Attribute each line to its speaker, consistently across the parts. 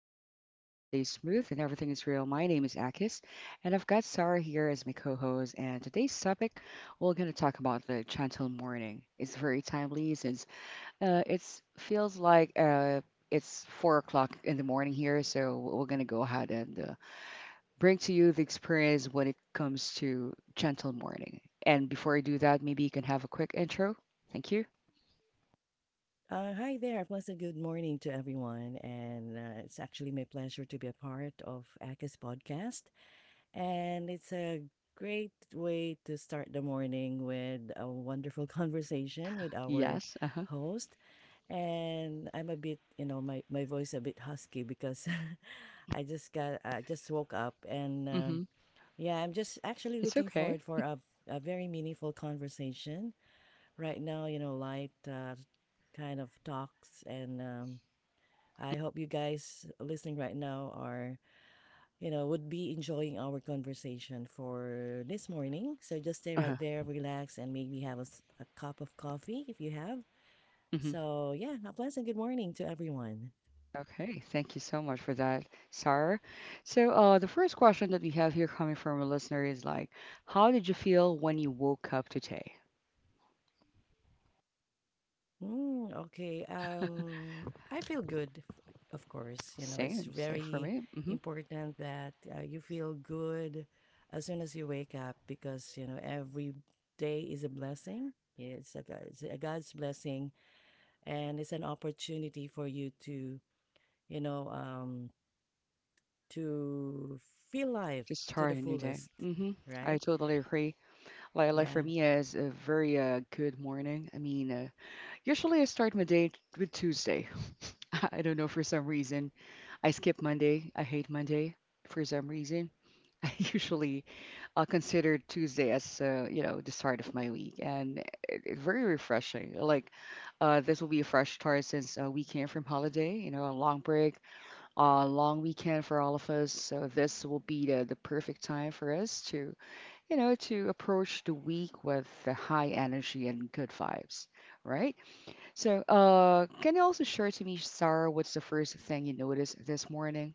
Speaker 1: flow easy and the vibe stays smooth and everything is real. My name is Akis and I've got Sarah here as my co-host. And today's topic, we're gonna talk about the gentle morning. It's very timely since it's feels like it's 4 o'clock in the morning here. So we're gonna go ahead and bring to you the experience when it comes to gentle morning. And before I do that, maybe you can have a quick intro. Thank you.
Speaker 2: Hi there. Pleasant good morning to everyone. And it's actually my pleasure to be a part of ACA's podcast. And it's a great way to start the morning with a wonderful conversation with our
Speaker 1: Yes. Uh huh.
Speaker 2: host. And I'm a bit, you know, my voice a bit husky because I just woke up.
Speaker 1: Mhm.
Speaker 2: I'm just actually
Speaker 1: It's
Speaker 2: looking
Speaker 1: okay.
Speaker 2: forward for a very meaningful conversation right now, you know, light kind of talks. And I hope you guys listening right now are, you know, would be enjoying our conversation for this morning. So just stay
Speaker 1: Uh
Speaker 2: right there, relax, and maybe have a cup of coffee if you have.
Speaker 1: huh.
Speaker 2: So, yeah, a pleasant good morning to everyone.
Speaker 1: Okay, thank you so much for that, Sarah. So, the first question that we have here coming from a listener is like, how did you feel when you woke up today?
Speaker 2: Mm, okay. I feel good, of course. You know, it's
Speaker 1: Same, same for
Speaker 2: very
Speaker 1: me.
Speaker 2: important that you feel good as soon as you wake up because, you know, every day is a blessing. It's a God's blessing and it's an opportunity for you to, you know, to feel life
Speaker 1: Just
Speaker 2: to the
Speaker 1: start a new day.
Speaker 2: fullest,
Speaker 1: I
Speaker 2: right?
Speaker 1: totally agree. Like for
Speaker 2: Yeah.
Speaker 1: me, it's a very good morning. I mean, usually I start my day with Tuesday. I don't know for some reason. I skip Monday. I hate Monday for some reason. I usually consider Tuesday as you know the start of my week, and it very refreshing. Like this will be a fresh start since we came from holiday, you know, a long break, a long weekend for all of us. So this will be the perfect time for us to you know to approach the week with the high energy and good vibes, right? So can you also share to me, Sarah, what's the first thing you noticed this morning?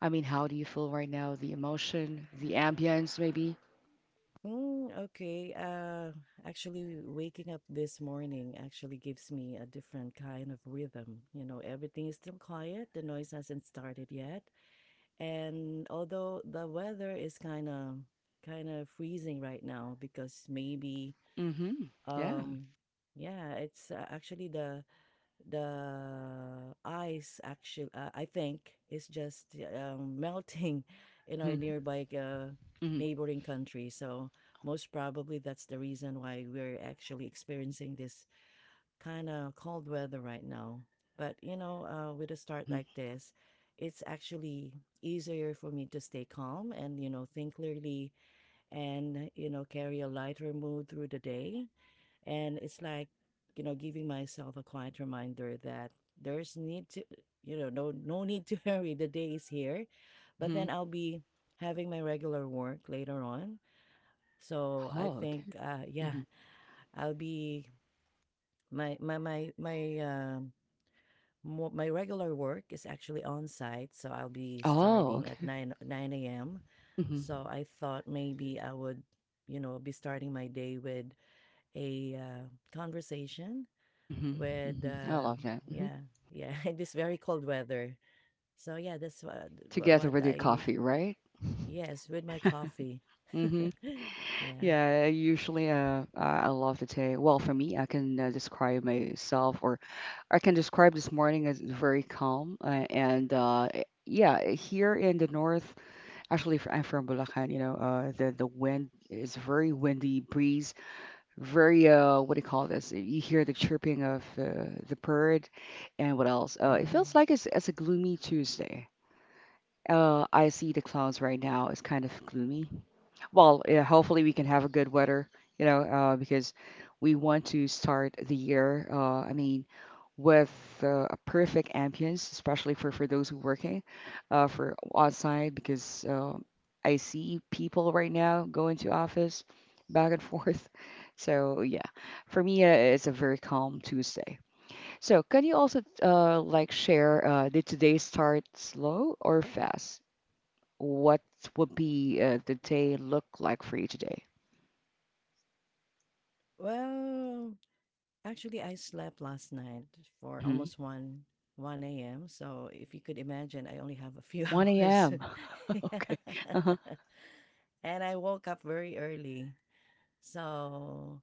Speaker 1: I mean, how do you feel right now? The emotion, the ambience, maybe?
Speaker 2: Mm, okay. Actually, waking up this morning actually gives me a different kind of rhythm. You know, everything is still quiet, the noise hasn't started yet. And although the weather is kind of freezing right now because maybe
Speaker 1: Mm-hmm. Yeah.
Speaker 2: um yeah, it's actually the ice actually I think is just melting in our
Speaker 1: Mm-hmm.
Speaker 2: nearby
Speaker 1: Mm-hmm.
Speaker 2: neighboring country, so most probably that's the reason why we're actually experiencing this kind of cold weather right now. But you know, with a start
Speaker 1: Mm-hmm.
Speaker 2: like this, it's actually easier for me to stay calm and, you know, think clearly, and, you know, carry a lighter mood through the day. And it's like, you know, giving myself a quiet reminder that there's need to you know no need to hurry, the day is here. But
Speaker 1: Mm-hmm.
Speaker 2: then I'll be having my regular work later on, so I
Speaker 1: Oh, okay.
Speaker 2: think yeah,
Speaker 1: Mm-hmm.
Speaker 2: I'll be my my my my um my regular work is actually on site, so I'll be
Speaker 1: Oh,
Speaker 2: starting at
Speaker 1: okay.
Speaker 2: 9 a.m.
Speaker 1: Mm-hmm.
Speaker 2: So I thought maybe I would, you know, be starting my day with a conversation
Speaker 1: Mm-hmm.
Speaker 2: with
Speaker 1: Mm-hmm. I love that. Mm-hmm.
Speaker 2: yeah, yeah, in this very cold weather. So yeah,
Speaker 1: Together
Speaker 2: what
Speaker 1: with your
Speaker 2: I.
Speaker 1: coffee, right?
Speaker 2: Yes, with my coffee.
Speaker 1: Mm-hmm.
Speaker 2: Yeah.
Speaker 1: Yeah, usually I love to take, well, for me, I can describe myself or I can describe this morning as very calm and yeah, here in the north. Actually, I'm from Bulacan, you know, the wind is very windy breeze, very what do you call this? You hear the chirping of the bird, and what else? It
Speaker 2: Wow.
Speaker 1: feels like it's a gloomy Tuesday. I see the clouds right now. It's kind of gloomy. Well, yeah, hopefully we can have a good weather, you know, because we want to start the year. I mean, with a perfect ambience, especially for those who working for outside, because I see people right now going to office back and forth. So yeah, for me, it's a very calm Tuesday. So can you also share, did today start slow or fast? What would be the day look like for you today?
Speaker 2: Well, actually, I slept last night for
Speaker 1: Mm-hmm.
Speaker 2: almost 1 a.m., so if you could imagine, I only have a few
Speaker 1: 1
Speaker 2: hours.
Speaker 1: a.m.
Speaker 2: Yeah.
Speaker 1: Okay. Uh-huh.
Speaker 2: And I woke up very early, so,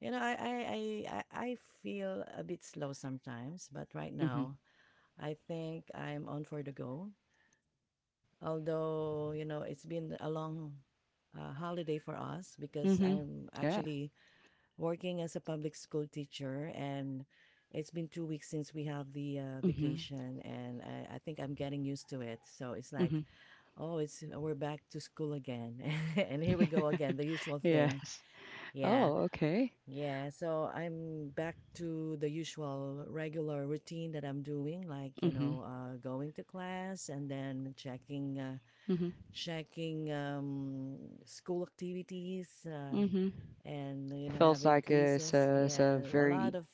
Speaker 2: you know, I feel a bit slow sometimes, but right
Speaker 1: Mm-hmm.
Speaker 2: now I think I'm on for the go. Although, you know, it's been a long holiday for us because
Speaker 1: Mm-hmm.
Speaker 2: I'm
Speaker 1: Yeah.
Speaker 2: actually working as a public school teacher, and it's been 2 weeks since we have the
Speaker 1: Mm-hmm.
Speaker 2: vacation, and I think I'm getting used to it. So it's like,
Speaker 1: Mm-hmm.
Speaker 2: oh, it's we're back to school again. And here we go again, the usual thing.
Speaker 1: Yes.
Speaker 2: Yeah.
Speaker 1: Oh, okay.
Speaker 2: Yeah, so I'm back to the usual regular routine that I'm doing, like, you
Speaker 1: Mm-hmm.
Speaker 2: know, going to class and then
Speaker 1: Mm-hmm.
Speaker 2: checking school activities
Speaker 1: Mm-hmm.
Speaker 2: and, you know,
Speaker 1: Feels
Speaker 2: having
Speaker 1: like it's
Speaker 2: quizzes.
Speaker 1: a, it's a
Speaker 2: Yeah, a lot
Speaker 1: very...
Speaker 2: of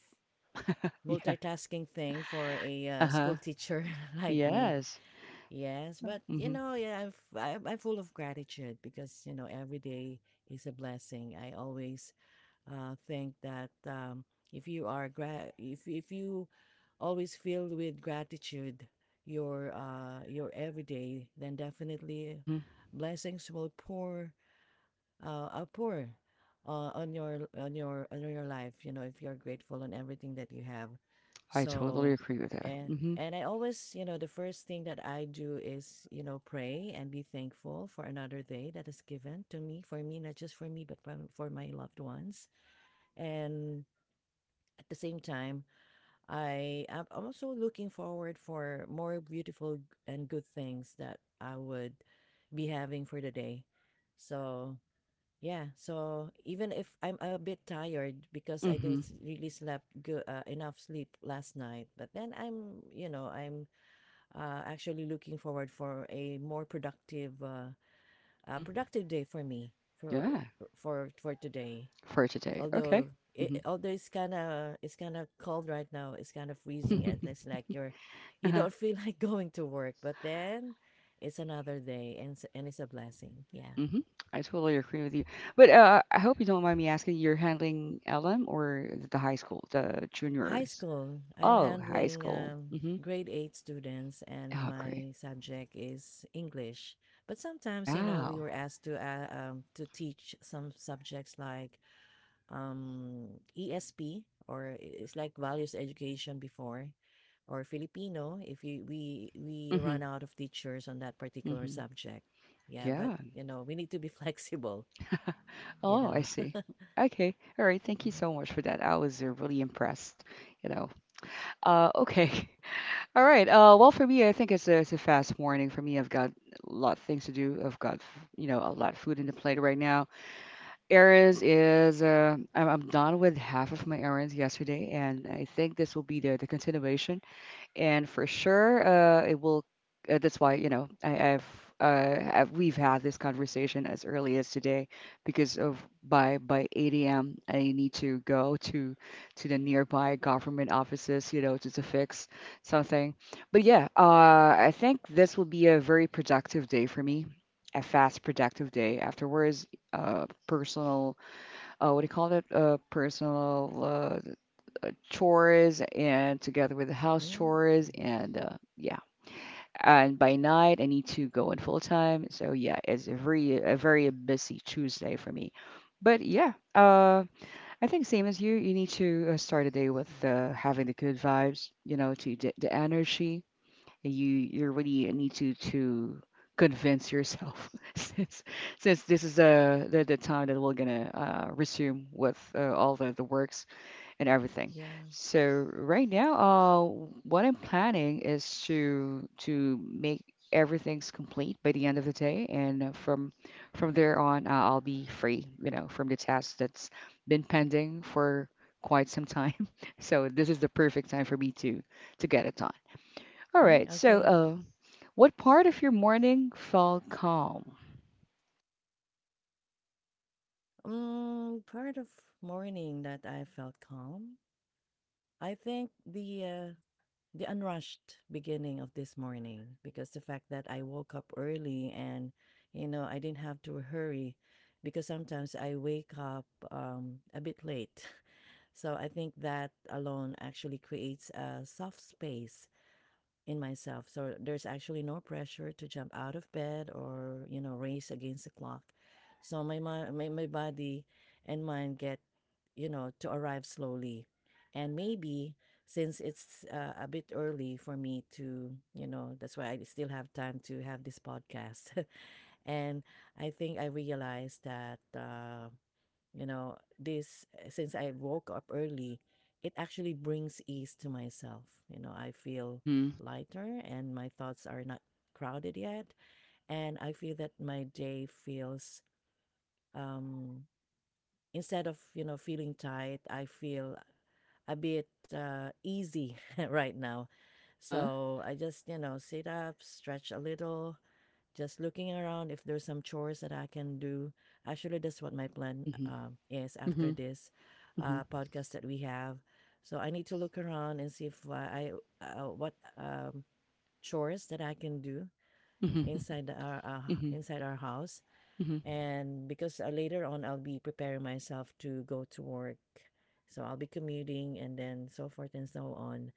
Speaker 1: yeah.
Speaker 2: multitasking thing for a
Speaker 1: Uh-huh.
Speaker 2: school teacher like me.
Speaker 1: Yes.
Speaker 2: Yes, but you
Speaker 1: Mm-hmm.
Speaker 2: know, yeah, I'm full of gratitude because, you know, every day is a blessing. I always think that if you always filled with gratitude your everyday, then definitely
Speaker 1: Mm-hmm.
Speaker 2: blessings will pour pour on your on your on your life. You know, if you're grateful on everything that you have,
Speaker 1: I totally
Speaker 2: so.
Speaker 1: agree with that.
Speaker 2: And
Speaker 1: Mm-hmm.
Speaker 2: I always, you know, the first thing that I do is, you know, pray and be thankful for another day that is given to me, for me, not just for me, but for my loved ones, and at the same time, I'm also looking forward for more beautiful and good things that I would be having for the day. So yeah, so even if I'm a bit tired because I
Speaker 1: Mm-hmm.
Speaker 2: didn't s- really slept good enough sleep last night, but then I'm, you know, I'm actually looking forward for a more productive
Speaker 1: Mm-hmm.
Speaker 2: productive day for me for
Speaker 1: Yeah.
Speaker 2: for today.
Speaker 1: For today. Okay.
Speaker 2: Although although it's kind of cold right now, it's kind of freezing, and
Speaker 1: Mm-hmm.
Speaker 2: it's like you're you
Speaker 1: Uh-huh.
Speaker 2: don't feel like going to work, but then it's another day, and and it's a blessing. Yeah.
Speaker 1: Mm-hmm. I totally agree with you. But I hope you don't mind me asking, you're handling LM or the high school, the
Speaker 2: High
Speaker 1: juniors?
Speaker 2: school. I'm
Speaker 1: Oh, high
Speaker 2: handling
Speaker 1: school. Mm-hmm.
Speaker 2: grade 8 students, and
Speaker 1: Oh, great.
Speaker 2: my subject is English. But sometimes, you know, we
Speaker 1: Wow.
Speaker 2: were asked to teach some subjects like um, ESP, or it's like values education before, or Filipino if we
Speaker 1: Mm-hmm.
Speaker 2: run out of teachers on that particular
Speaker 1: Mm-hmm.
Speaker 2: subject. Yeah, but
Speaker 1: Yeah.
Speaker 2: you know, we need to be flexible. You
Speaker 1: Oh,
Speaker 2: know.
Speaker 1: I see. Okay. All right. Thank you
Speaker 2: Mhm.
Speaker 1: so much for that. I was really impressed, you know. Okay. All right. Well, for me, I think it's a fast morning. For me, I've got a lot of things to do. I've got, you know, a lot of food in the plate right now. Errands is, I'm done with half of my errands yesterday, and I think this will be the continuation and for sure, it will. That's why you know we've had this conversation as early as today because of by 8 a.m. I need to go to the nearby government offices, you know, to fix something. But yeah, I think this will be a very productive day for me. A fast, productive day. Afterwards, personal, what do you call it? Personal chores and together with the house
Speaker 2: Mm,
Speaker 1: chores
Speaker 2: okay.
Speaker 1: and yeah and by night I need to go in full time so yeah it's a very busy Tuesday for me but yeah I think same as you you need to start a day with having the good vibes you know to the energy you you really need to convince yourself since since this is the time that we're gonna resume with all the works and everything.
Speaker 2: Yeah.
Speaker 1: So right now, what I'm planning is to make everything's complete by the end of the day, and from there on, I'll be free, you know, from the task that's been pending for quite some time. So this is the perfect time for me to get it done. All
Speaker 2: Mm,
Speaker 1: right. So,
Speaker 2: okay.
Speaker 1: what part of your morning felt calm?
Speaker 2: Mm, part of morning that I felt calm. I think the unrushed beginning of this morning, because the fact that I woke up early and, you know, I didn't have to hurry, because sometimes I wake up a bit late. So I think that alone actually creates a soft space in myself. So there's actually no pressure to jump out of bed or, you know, race against the clock. So my body and mind get, you know, to arrive slowly. And maybe since it's a bit early for me to, you know, that's why I still have time to have this podcast. And I think I realized that you know, since I woke up early, it actually brings ease to myself. You know, I feel
Speaker 1: Mm-hmm.
Speaker 2: lighter, and my thoughts are not crowded yet, and I feel that my day feels um instead of, you know, feeling tight, I feel a bit easy right now.
Speaker 1: Uh-huh.
Speaker 2: So I just, you know, sit up, stretch a little, just looking around if there's some chores that I can do. Actually, that's what my plan
Speaker 1: Mm-hmm.
Speaker 2: is
Speaker 1: Mm-hmm.
Speaker 2: after this
Speaker 1: Mm-hmm.
Speaker 2: podcast that we have. So I need to look around and see if I what chores that I can do
Speaker 1: Mm-hmm.
Speaker 2: inside our uh,
Speaker 1: Mm-hmm.
Speaker 2: inside our house. And because later on I'll be preparing myself to go to work, so I'll be commuting and then so forth and so on.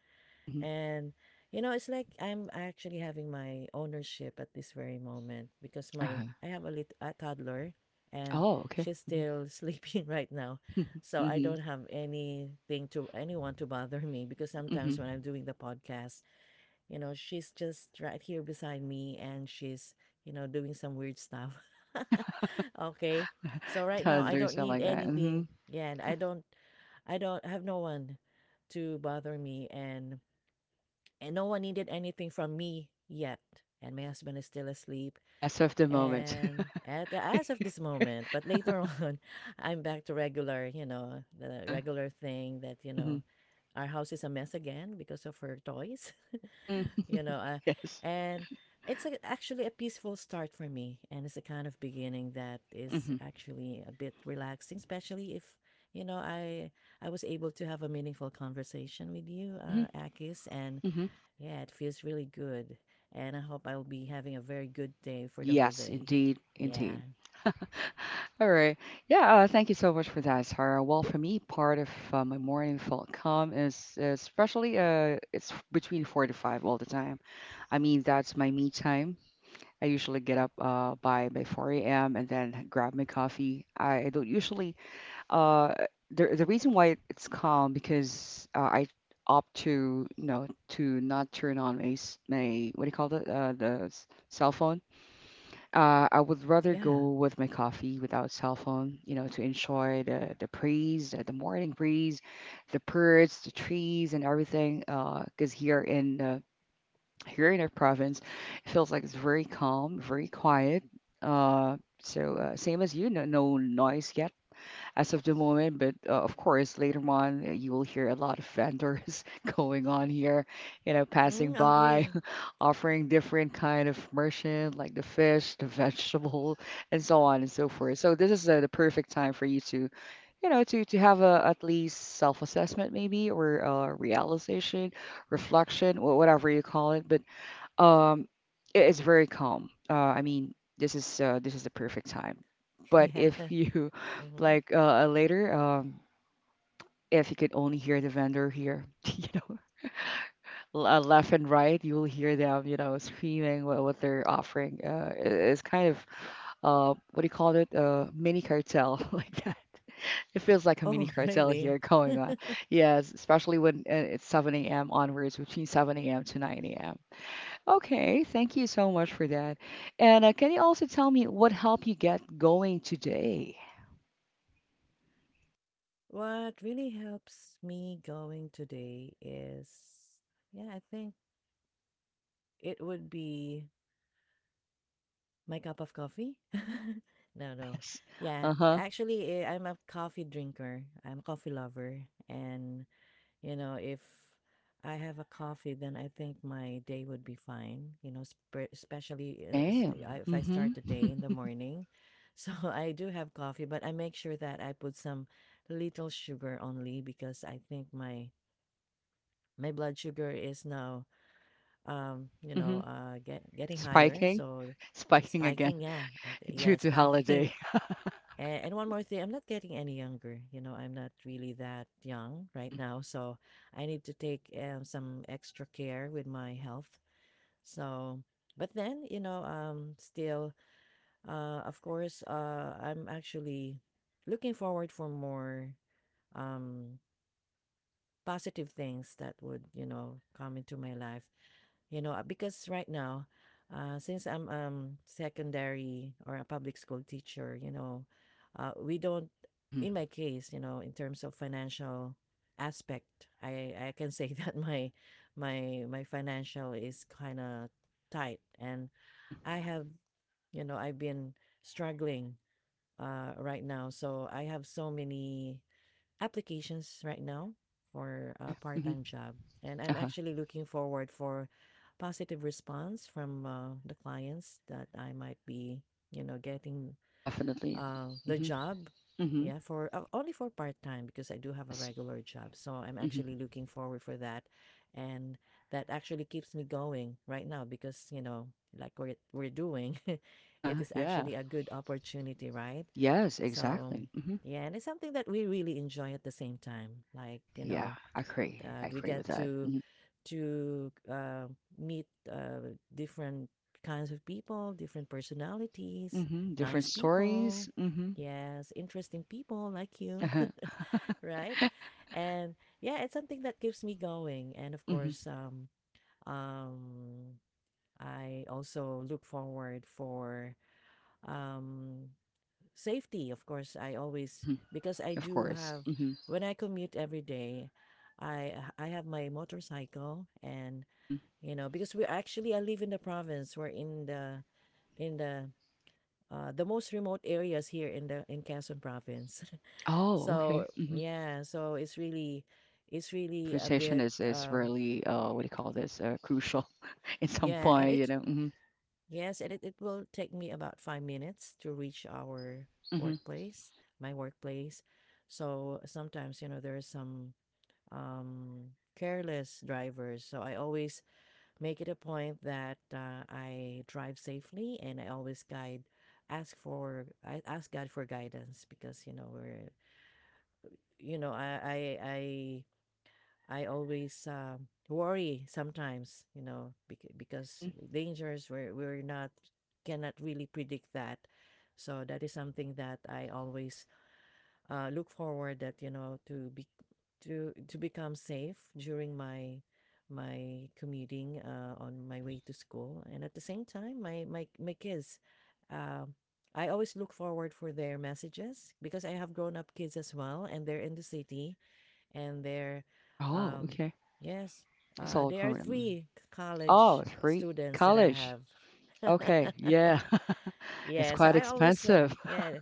Speaker 1: Mm-hmm.
Speaker 2: And, you know, it's like I'm actually having my ownership at this very moment because my
Speaker 1: Uh-huh.
Speaker 2: I have a toddler, and
Speaker 1: Oh, okay.
Speaker 2: she's
Speaker 1: Mm-hmm.
Speaker 2: still sleeping right now. So I
Speaker 1: Mhm,
Speaker 2: don't have anything to anyone to bother me, because
Speaker 1: mhm.
Speaker 2: sometimes when I'm doing the podcast, you know, she's just right here beside me, and she's, you know, doing some weird stuff. Okay. So right now I
Speaker 1: Toddlers
Speaker 2: don't
Speaker 1: are
Speaker 2: need
Speaker 1: like that.
Speaker 2: anything.
Speaker 1: Mhm.
Speaker 2: Yeah, and I don't have no one to bother me, and no one needed anything from me yet. And my husband is still asleep.
Speaker 1: As of the moment.
Speaker 2: And at the as of this moment, but later on, I'm back to regular, you know, the
Speaker 1: Uh-huh.
Speaker 2: regular thing that, you know,
Speaker 1: Mhm.
Speaker 2: our house is a mess again because of her toys,
Speaker 1: Mhm.
Speaker 2: you know.
Speaker 1: Yes.
Speaker 2: And it's a, actually a peaceful start for me. And it's a kind of beginning that is
Speaker 1: Mhm.
Speaker 2: actually a bit relaxing, especially if, you know, I was able to have a meaningful conversation with you,
Speaker 1: Mhm.
Speaker 2: Akis, and
Speaker 1: Mhm.
Speaker 2: yeah, it feels really good. And I hope I will be having a very good day for the whole
Speaker 1: Yes,
Speaker 2: day.
Speaker 1: indeed,
Speaker 2: Yeah.
Speaker 1: indeed. All right. Yeah. Thank you so much for that, Sarah. Well, for me, part of my morning felt calm is especially it's between four to five all the time. I mean, that's my me time. I usually get up by 4 a.m. and then grab my coffee. I don't usually... uh, the reason why it's calm because I opt to you know to not turn on my what do you call it cell phone. I would rather
Speaker 2: Yeah.
Speaker 1: go with my coffee without cell phone, you know, to enjoy the breeze, the morning breeze, the birds, the trees, and everything. Because here in our province, it feels like it's very calm, very quiet. Same as you, no no noise yet as of the moment. But of course, later on, you will hear a lot of vendors going on here, you know, passing
Speaker 2: Mm,
Speaker 1: by,
Speaker 2: okay.
Speaker 1: offering different kind of merchant like the fish, the vegetable, and so on and so forth. So this is the perfect time for you to, you know, to have a at least self-assessment maybe or realization, reflection, whatever you call it. But um, it's very calm. I mean, this is the perfect time. But
Speaker 2: Yeah.
Speaker 1: if you
Speaker 2: Hmm.
Speaker 1: like if you could only hear the vendor here, you know, left and right, you will hear them, you know, screaming what they're offering. It's kind of what do you call it? Mini cartel like that. It feels like a mini
Speaker 2: Oh,
Speaker 1: cartel
Speaker 2: really?
Speaker 1: here going on. Yes, especially when it's 7 a.m. onwards, between 7 a.m. to 9 a.m. Okay, thank you so much for that. And can you also tell me what helped you get going today?
Speaker 2: What really helps me going today is, yeah, I think it would be my cup of coffee. No, no.
Speaker 1: Yes.
Speaker 2: Yeah,
Speaker 1: Uh-huh.
Speaker 2: actually, I'm a coffee drinker. I'm a coffee lover. And you know, if I have a coffee, then I think my day would be fine. You know,
Speaker 1: Same.
Speaker 2: if I
Speaker 1: Mm-hmm.
Speaker 2: start the day in the morning. So I do have coffee, but I make sure that I put some little sugar only, because I think my blood sugar is now you
Speaker 1: Mm-hmm.
Speaker 2: know getting higher,
Speaker 1: Spiking.
Speaker 2: so it's
Speaker 1: Spiking again
Speaker 2: spiking. Yeah, yeah,
Speaker 1: due
Speaker 2: it's
Speaker 1: to
Speaker 2: spiking.
Speaker 1: holiday.
Speaker 2: And, one more thing, I'm not getting any younger. You know, I'm not really that young right
Speaker 1: Mm-hmm.
Speaker 2: now. So I need to take some extra care with my health. So, but then, you know, still, of course, I'm actually looking forward for more um, positive things that would, you know, come into my life, you know, because right now, since I'm secondary or a public school teacher, you know, we don't.
Speaker 1: Mm-hmm.
Speaker 2: In my case, you know, in terms of financial aspect, I can say that my financial is kind of tight, and
Speaker 1: Mm-hmm.
Speaker 2: I have, you know, I've been struggling right now. So I have so many applications right now for a
Speaker 1: Okay. Mm-hmm.
Speaker 2: part-time job, and I'm
Speaker 1: Uh-huh.
Speaker 2: actually looking forward for positive response from the clients that I might be, you know, getting
Speaker 1: Definitely.
Speaker 2: the
Speaker 1: Mm-hmm.
Speaker 2: job.
Speaker 1: Mm-hmm.
Speaker 2: Yeah, for only for part time, because I do have a
Speaker 1: Yes.
Speaker 2: regular job. So I'm
Speaker 1: Mm-hmm.
Speaker 2: actually looking forward for that, and that actually keeps me going right now because, you know, like we're doing, it
Speaker 1: Uh-huh.
Speaker 2: is
Speaker 1: Yeah.
Speaker 2: actually a good opportunity, right?
Speaker 1: Yes,
Speaker 2: So
Speaker 1: exactly. Mm-hmm.
Speaker 2: yeah, and it's something that we really enjoy at the same time. Like, you
Speaker 1: Yeah,
Speaker 2: know,
Speaker 1: I agree. I
Speaker 2: we
Speaker 1: agree with
Speaker 2: get
Speaker 1: that.
Speaker 2: to
Speaker 1: Mm-hmm.
Speaker 2: to uh, meet different kinds of people, different personalities,
Speaker 1: Mm-hmm. Different
Speaker 2: nice
Speaker 1: stories.
Speaker 2: people.
Speaker 1: Mm-hmm.
Speaker 2: Yes, interesting people like you,
Speaker 1: Uh-huh.
Speaker 2: right? And yeah, it's something that keeps me going. And of
Speaker 1: Mm-hmm.
Speaker 2: course, um, I also look forward for um, safety. Of course, I always,
Speaker 1: Mhm.
Speaker 2: because I
Speaker 1: Of
Speaker 2: do
Speaker 1: course.
Speaker 2: have,
Speaker 1: Mhm.
Speaker 2: when I commute every day, I have my motorcycle. And
Speaker 1: Mhm.
Speaker 2: you know, because we actually, I live in the province, we're in the in the the most remote areas here in the in Quezon province.
Speaker 1: Oh, okay.
Speaker 2: So yeah, so it's really, it's really a
Speaker 1: Transportation
Speaker 2: bit
Speaker 1: is really what do you call this crucial at some
Speaker 2: yeah and
Speaker 1: point, you
Speaker 2: it
Speaker 1: know. Mhm.
Speaker 2: yes, and it will take me about 5 minutes to reach our
Speaker 1: Mhm.
Speaker 2: workplace my workplace. So sometimes, you know, there are some careless drivers, so I always make it a point that I drive safely, and I always guide ask for I ask God for guidance, because you know we're you know I always worry sometimes, you know, because
Speaker 1: Mhm.
Speaker 2: dangers we're not cannot really predict that. So that is something that I always look forward that, you know, to be to become safe during my commuting on my
Speaker 1: Mhm.
Speaker 2: way to school. And at the same time, my kids, uh, I always look forward for their messages, because I have grown up kids as well, and they're in the city. And they're
Speaker 1: Oh,
Speaker 2: um,
Speaker 1: okay.
Speaker 2: yes,
Speaker 1: It's all
Speaker 2: there are
Speaker 1: grown. Mm.
Speaker 2: three
Speaker 1: Oh,
Speaker 2: college
Speaker 1: three
Speaker 2: students that I
Speaker 1: college.
Speaker 2: have.
Speaker 1: Okay, yeah, it's
Speaker 2: Yeah, so
Speaker 1: quite
Speaker 2: I always,
Speaker 1: expensive.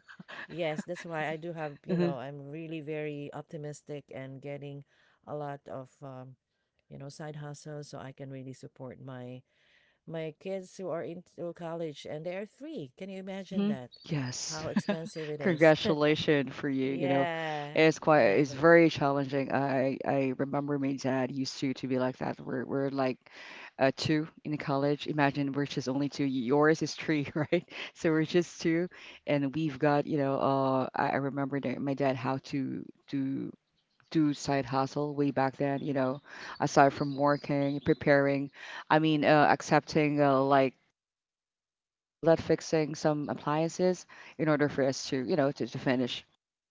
Speaker 2: yes, that's why I do have, you
Speaker 1: hmm
Speaker 2: know, I'm really very optimistic and getting a lot of, you know, side hustles, so I can really support my my kids who are into college, and they are three. Can you imagine
Speaker 1: hmm
Speaker 2: that?
Speaker 1: Yes.
Speaker 2: How expensive it is.
Speaker 1: Congratulations for you. You know,
Speaker 2: Yeah,
Speaker 1: it's quite
Speaker 2: yeah,
Speaker 1: it's
Speaker 2: but
Speaker 1: very challenging. I remember my dad used to be like that. We're like two in college. Imagine we're just only two. Yours is three, right? So we're just two, and we've got you know. I remember that my dad how to do side hustle way back then. You know, aside from working, preparing, I mean, accepting call that fixing some appliances in order for us to, you know, to finish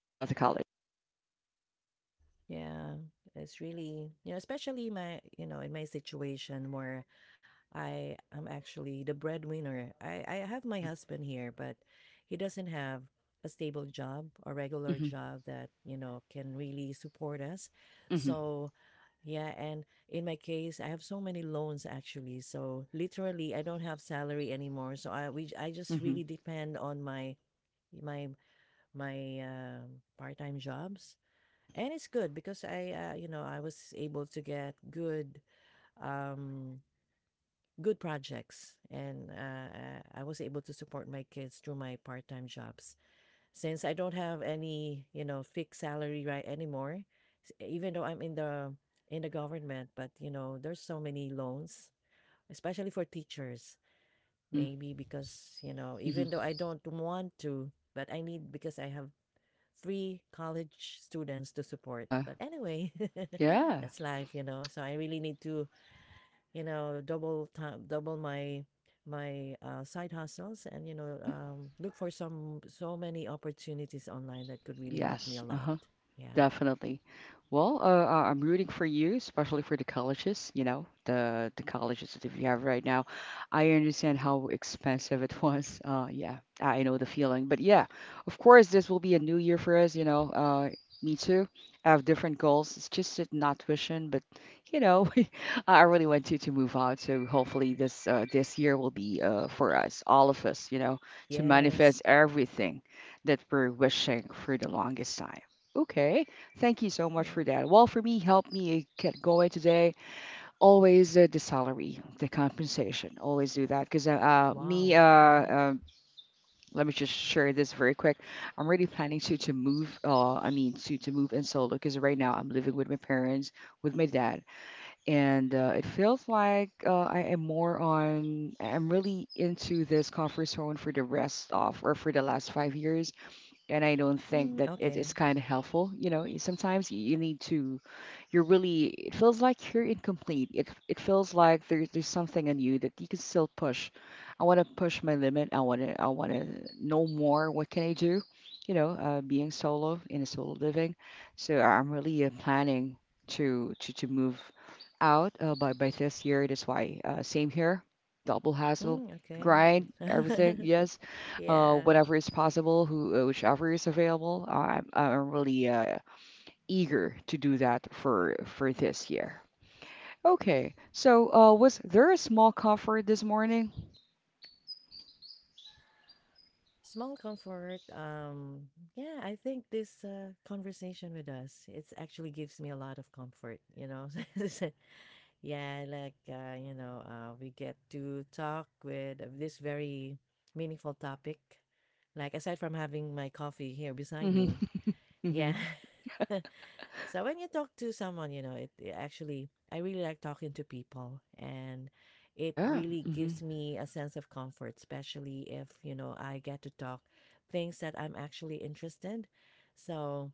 Speaker 1: the college.
Speaker 2: yeah, it's really, you know, especially my, you know, in my situation where I am actually the breadwinner. I have my
Speaker 1: Hmm
Speaker 2: husband here, but he doesn't have a stable job, a regular
Speaker 1: hmm
Speaker 2: job that, you know, can really support us.
Speaker 1: hmm
Speaker 2: So, yeah, and in my case, I have so many loans actually. So, literally, I don't have salary anymore. So, I just
Speaker 1: hmm
Speaker 2: really depend on my my part-time jobs.
Speaker 1: hmm
Speaker 2: And it's good because you know, I was able to get good um, good projects, and I was able to support my kids through my part-time jobs, since I don't have any, you know, fixed salary right anymore, even though I'm in the government. But you know, there's so many loans, especially for teachers,
Speaker 1: hmm
Speaker 2: maybe because, you know,
Speaker 1: hmm
Speaker 2: even though I don't want to, but I need, because I have three college students to support.
Speaker 1: Uh-huh.
Speaker 2: But anyway,
Speaker 1: Yeah.
Speaker 2: that's life, you know, so I really need to, you know, double time, double my side hustles, and you know,
Speaker 1: Uh-huh.
Speaker 2: look for some so many opportunities online that could really help me a
Speaker 1: Yes.
Speaker 2: lot.
Speaker 1: Uh-huh.
Speaker 2: Yeah.
Speaker 1: Definitely. Well, I'm rooting for you, especially for the colleges, you know, the colleges that you have right now. I understand how expensive it was. Yeah, I know the feeling. But yeah, of course, this will be a new year for us, you know. Me too. I have different goals. It's just it not wishing, but you know, I really want to move out. So hopefully this year will be for us, all of us, to
Speaker 2: Yes.
Speaker 1: manifest everything that we're wishing for the longest time. Okay. Thank you so much for
Speaker 2: Yeah.
Speaker 1: that. Well, for me, help me get going today. Always the salary, the compensation. Always do that because me.
Speaker 2: Wow. Mhm.
Speaker 1: Um Let me just share this very quick. I'm really planning to move. I mean to move in solo because right now I'm living with my parents, with my dad, and it feels like I am more on. I'm really into this comfort zone for the rest of or for the last 5 years, and I don't think
Speaker 2: Mm,
Speaker 1: that it
Speaker 2: okay.
Speaker 1: is kind of helpful. You know, sometimes you need to, you're really, it feels like you're incomplete, it feels like there's something in you that you can still push. I want to push my limit. I want to know more, what can I do, being solo in a solo living. So I'm really planning to move out by this year, that's why same here. Double hassle,
Speaker 2: Mm,
Speaker 1: grind
Speaker 2: okay.
Speaker 1: everything. Yes,
Speaker 2: yeah.
Speaker 1: whatever is possible, who whichever is available. I'm really eager to do that for this year. Okay, so was there a small comfort this morning?
Speaker 2: Small comfort. Yeah, I think this conversation with us, it's actually gives me a lot of comfort, you know. Yeah, like you know, we get to talk with this very meaningful topic. Like aside from having my coffee here beside
Speaker 1: Hmm.
Speaker 2: me,
Speaker 1: Hmm.
Speaker 2: yeah. So when you talk to someone, you know, it actually, I really like talking to people, and it
Speaker 1: Yeah.
Speaker 2: really
Speaker 1: Hmm.
Speaker 2: gives me a sense of comfort, especially if, you know, I get to talk things that I'm actually interested. So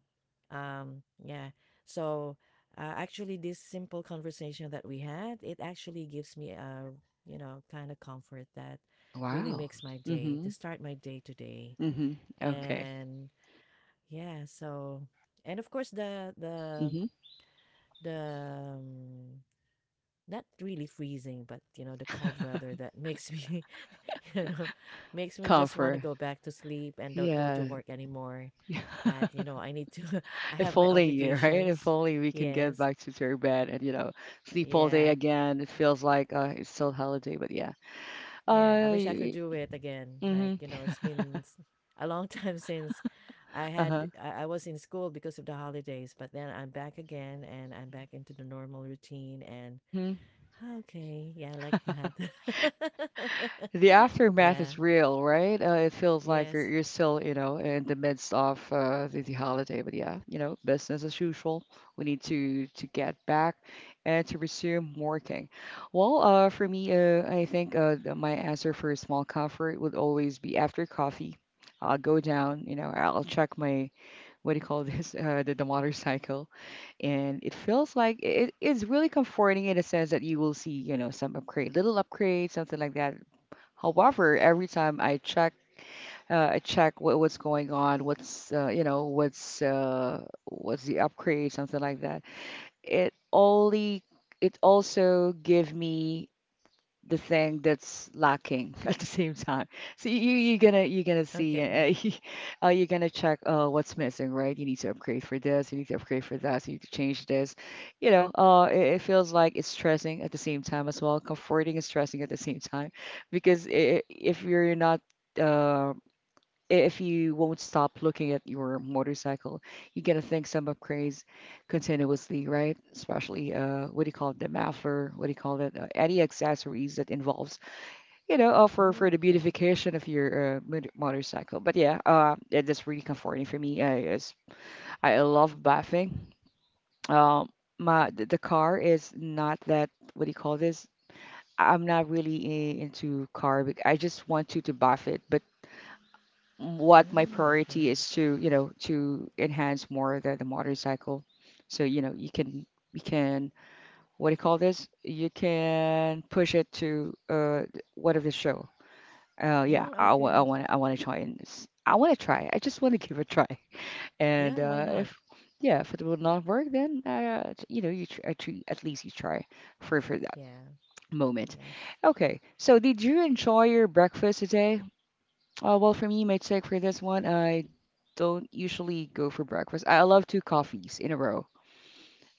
Speaker 2: yeah. So actually this simple conversation that we had, it actually gives me a, you know, kind of comfort that really
Speaker 1: Wow.
Speaker 2: makes my day to
Speaker 1: Hmm.
Speaker 2: start my day today.
Speaker 1: Hmm. Okay.
Speaker 2: And yeah, so and of course
Speaker 1: Hmm.
Speaker 2: the not really freezing, but you know the cold weather that makes me, you know, makes me just want to
Speaker 1: Comfort.
Speaker 2: go back to sleep and don't go to
Speaker 1: Yeah.
Speaker 2: work anymore.
Speaker 1: Yeah.
Speaker 2: But you know, I need to. I
Speaker 1: If
Speaker 2: have my
Speaker 1: only, right? If
Speaker 2: obligations.
Speaker 1: only we can get
Speaker 2: Yes.
Speaker 1: back to their bed and, sleep all day
Speaker 2: Yeah.
Speaker 1: again. It feels like it's still holiday, but yeah.
Speaker 2: Yeah. I
Speaker 1: Uh,
Speaker 2: wish I could do it again. Like
Speaker 1: mm-hmm.
Speaker 2: you know, it's been a long time since
Speaker 1: Uh-huh.
Speaker 2: I was in school because of the holidays, but then I'm back again and I'm back into the normal routine, and
Speaker 1: Hmm.
Speaker 2: Ah, okay. Yeah, I like that.
Speaker 1: The aftermath
Speaker 2: Yeah.
Speaker 1: is real, right? It feels like
Speaker 2: Yes.
Speaker 1: you're still, in the midst of the holiday. But yeah, business as usual. We need to get back and to resume working. Well, for me, I think my answer for a small comfort would always be after coffee. I'll go down, I'll check my, what do you call this, the motorcycle. And it feels like it's really comforting in a sense that you will see, some upgrade, little upgrade, something like that. However, every time I check what's going on, what's you know, what's the upgrade, something like that. It only it also give me the thing that's lacking at the same time. So you're gonna see
Speaker 2: Okay.
Speaker 1: you're gonna check what's missing, right? You need to upgrade for this, you need to upgrade for that, you need to change this. It feels like it's stressing at the same time as well, comforting and stressing at the same time, because I if you're not uh, if you won't stop looking at your motorcycle, you're gonna think some upgrades continuously, right? Especially what do you call it, the muffler, what do you call it, any accessories that involves, for
Speaker 2: Mm,
Speaker 1: the
Speaker 2: okay.
Speaker 1: beautification of your motorcycle. But yeah, that's really comforting for me. I love bathing. Um, my, the car is not that, what do you call this? I'm not really into car. I just want to buff it, but what my
Speaker 2: Mm,
Speaker 1: priority
Speaker 2: okay.
Speaker 1: is to you know to enhance more the motorcycle, so you can, you can what do you call this, you can push it to whatever the show. Yeah,
Speaker 2: Mm,
Speaker 1: I
Speaker 2: okay.
Speaker 1: want to try in this. I want to try, I just want to give it a try. And
Speaker 2: Yeah, why not?
Speaker 1: if, yeah, if it will not work, then at least you try for that
Speaker 2: Yeah.
Speaker 1: moment.
Speaker 2: Yes.
Speaker 1: Okay, so did you enjoy your breakfast today? Well, for me, my take for this one, I don't usually go for breakfast. I love two coffees in a row.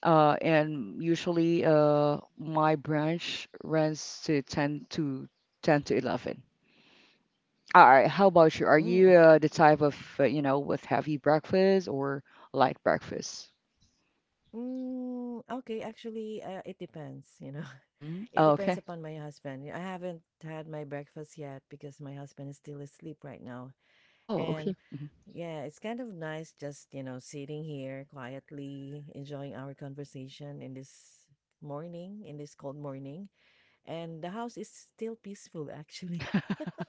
Speaker 1: And usually, my branch runs to 10 to 10 to 11. All right, how about you? Are
Speaker 2: Mm,
Speaker 1: you
Speaker 2: okay.
Speaker 1: the type of, with heavy breakfast or light breakfast?
Speaker 2: Mm, okay, actually, it depends, you know.
Speaker 1: Mm-hmm.
Speaker 2: It
Speaker 1: Oh,
Speaker 2: depends
Speaker 1: okay.
Speaker 2: upon my husband. I haven't had my breakfast yet because my husband is still asleep right now.
Speaker 1: Oh,
Speaker 2: And
Speaker 1: okay. Hmm.
Speaker 2: yeah, it's kind of nice just, you know, sitting here quietly enjoying our conversation in this morning, in this cold morning. And the house is still peaceful, actually.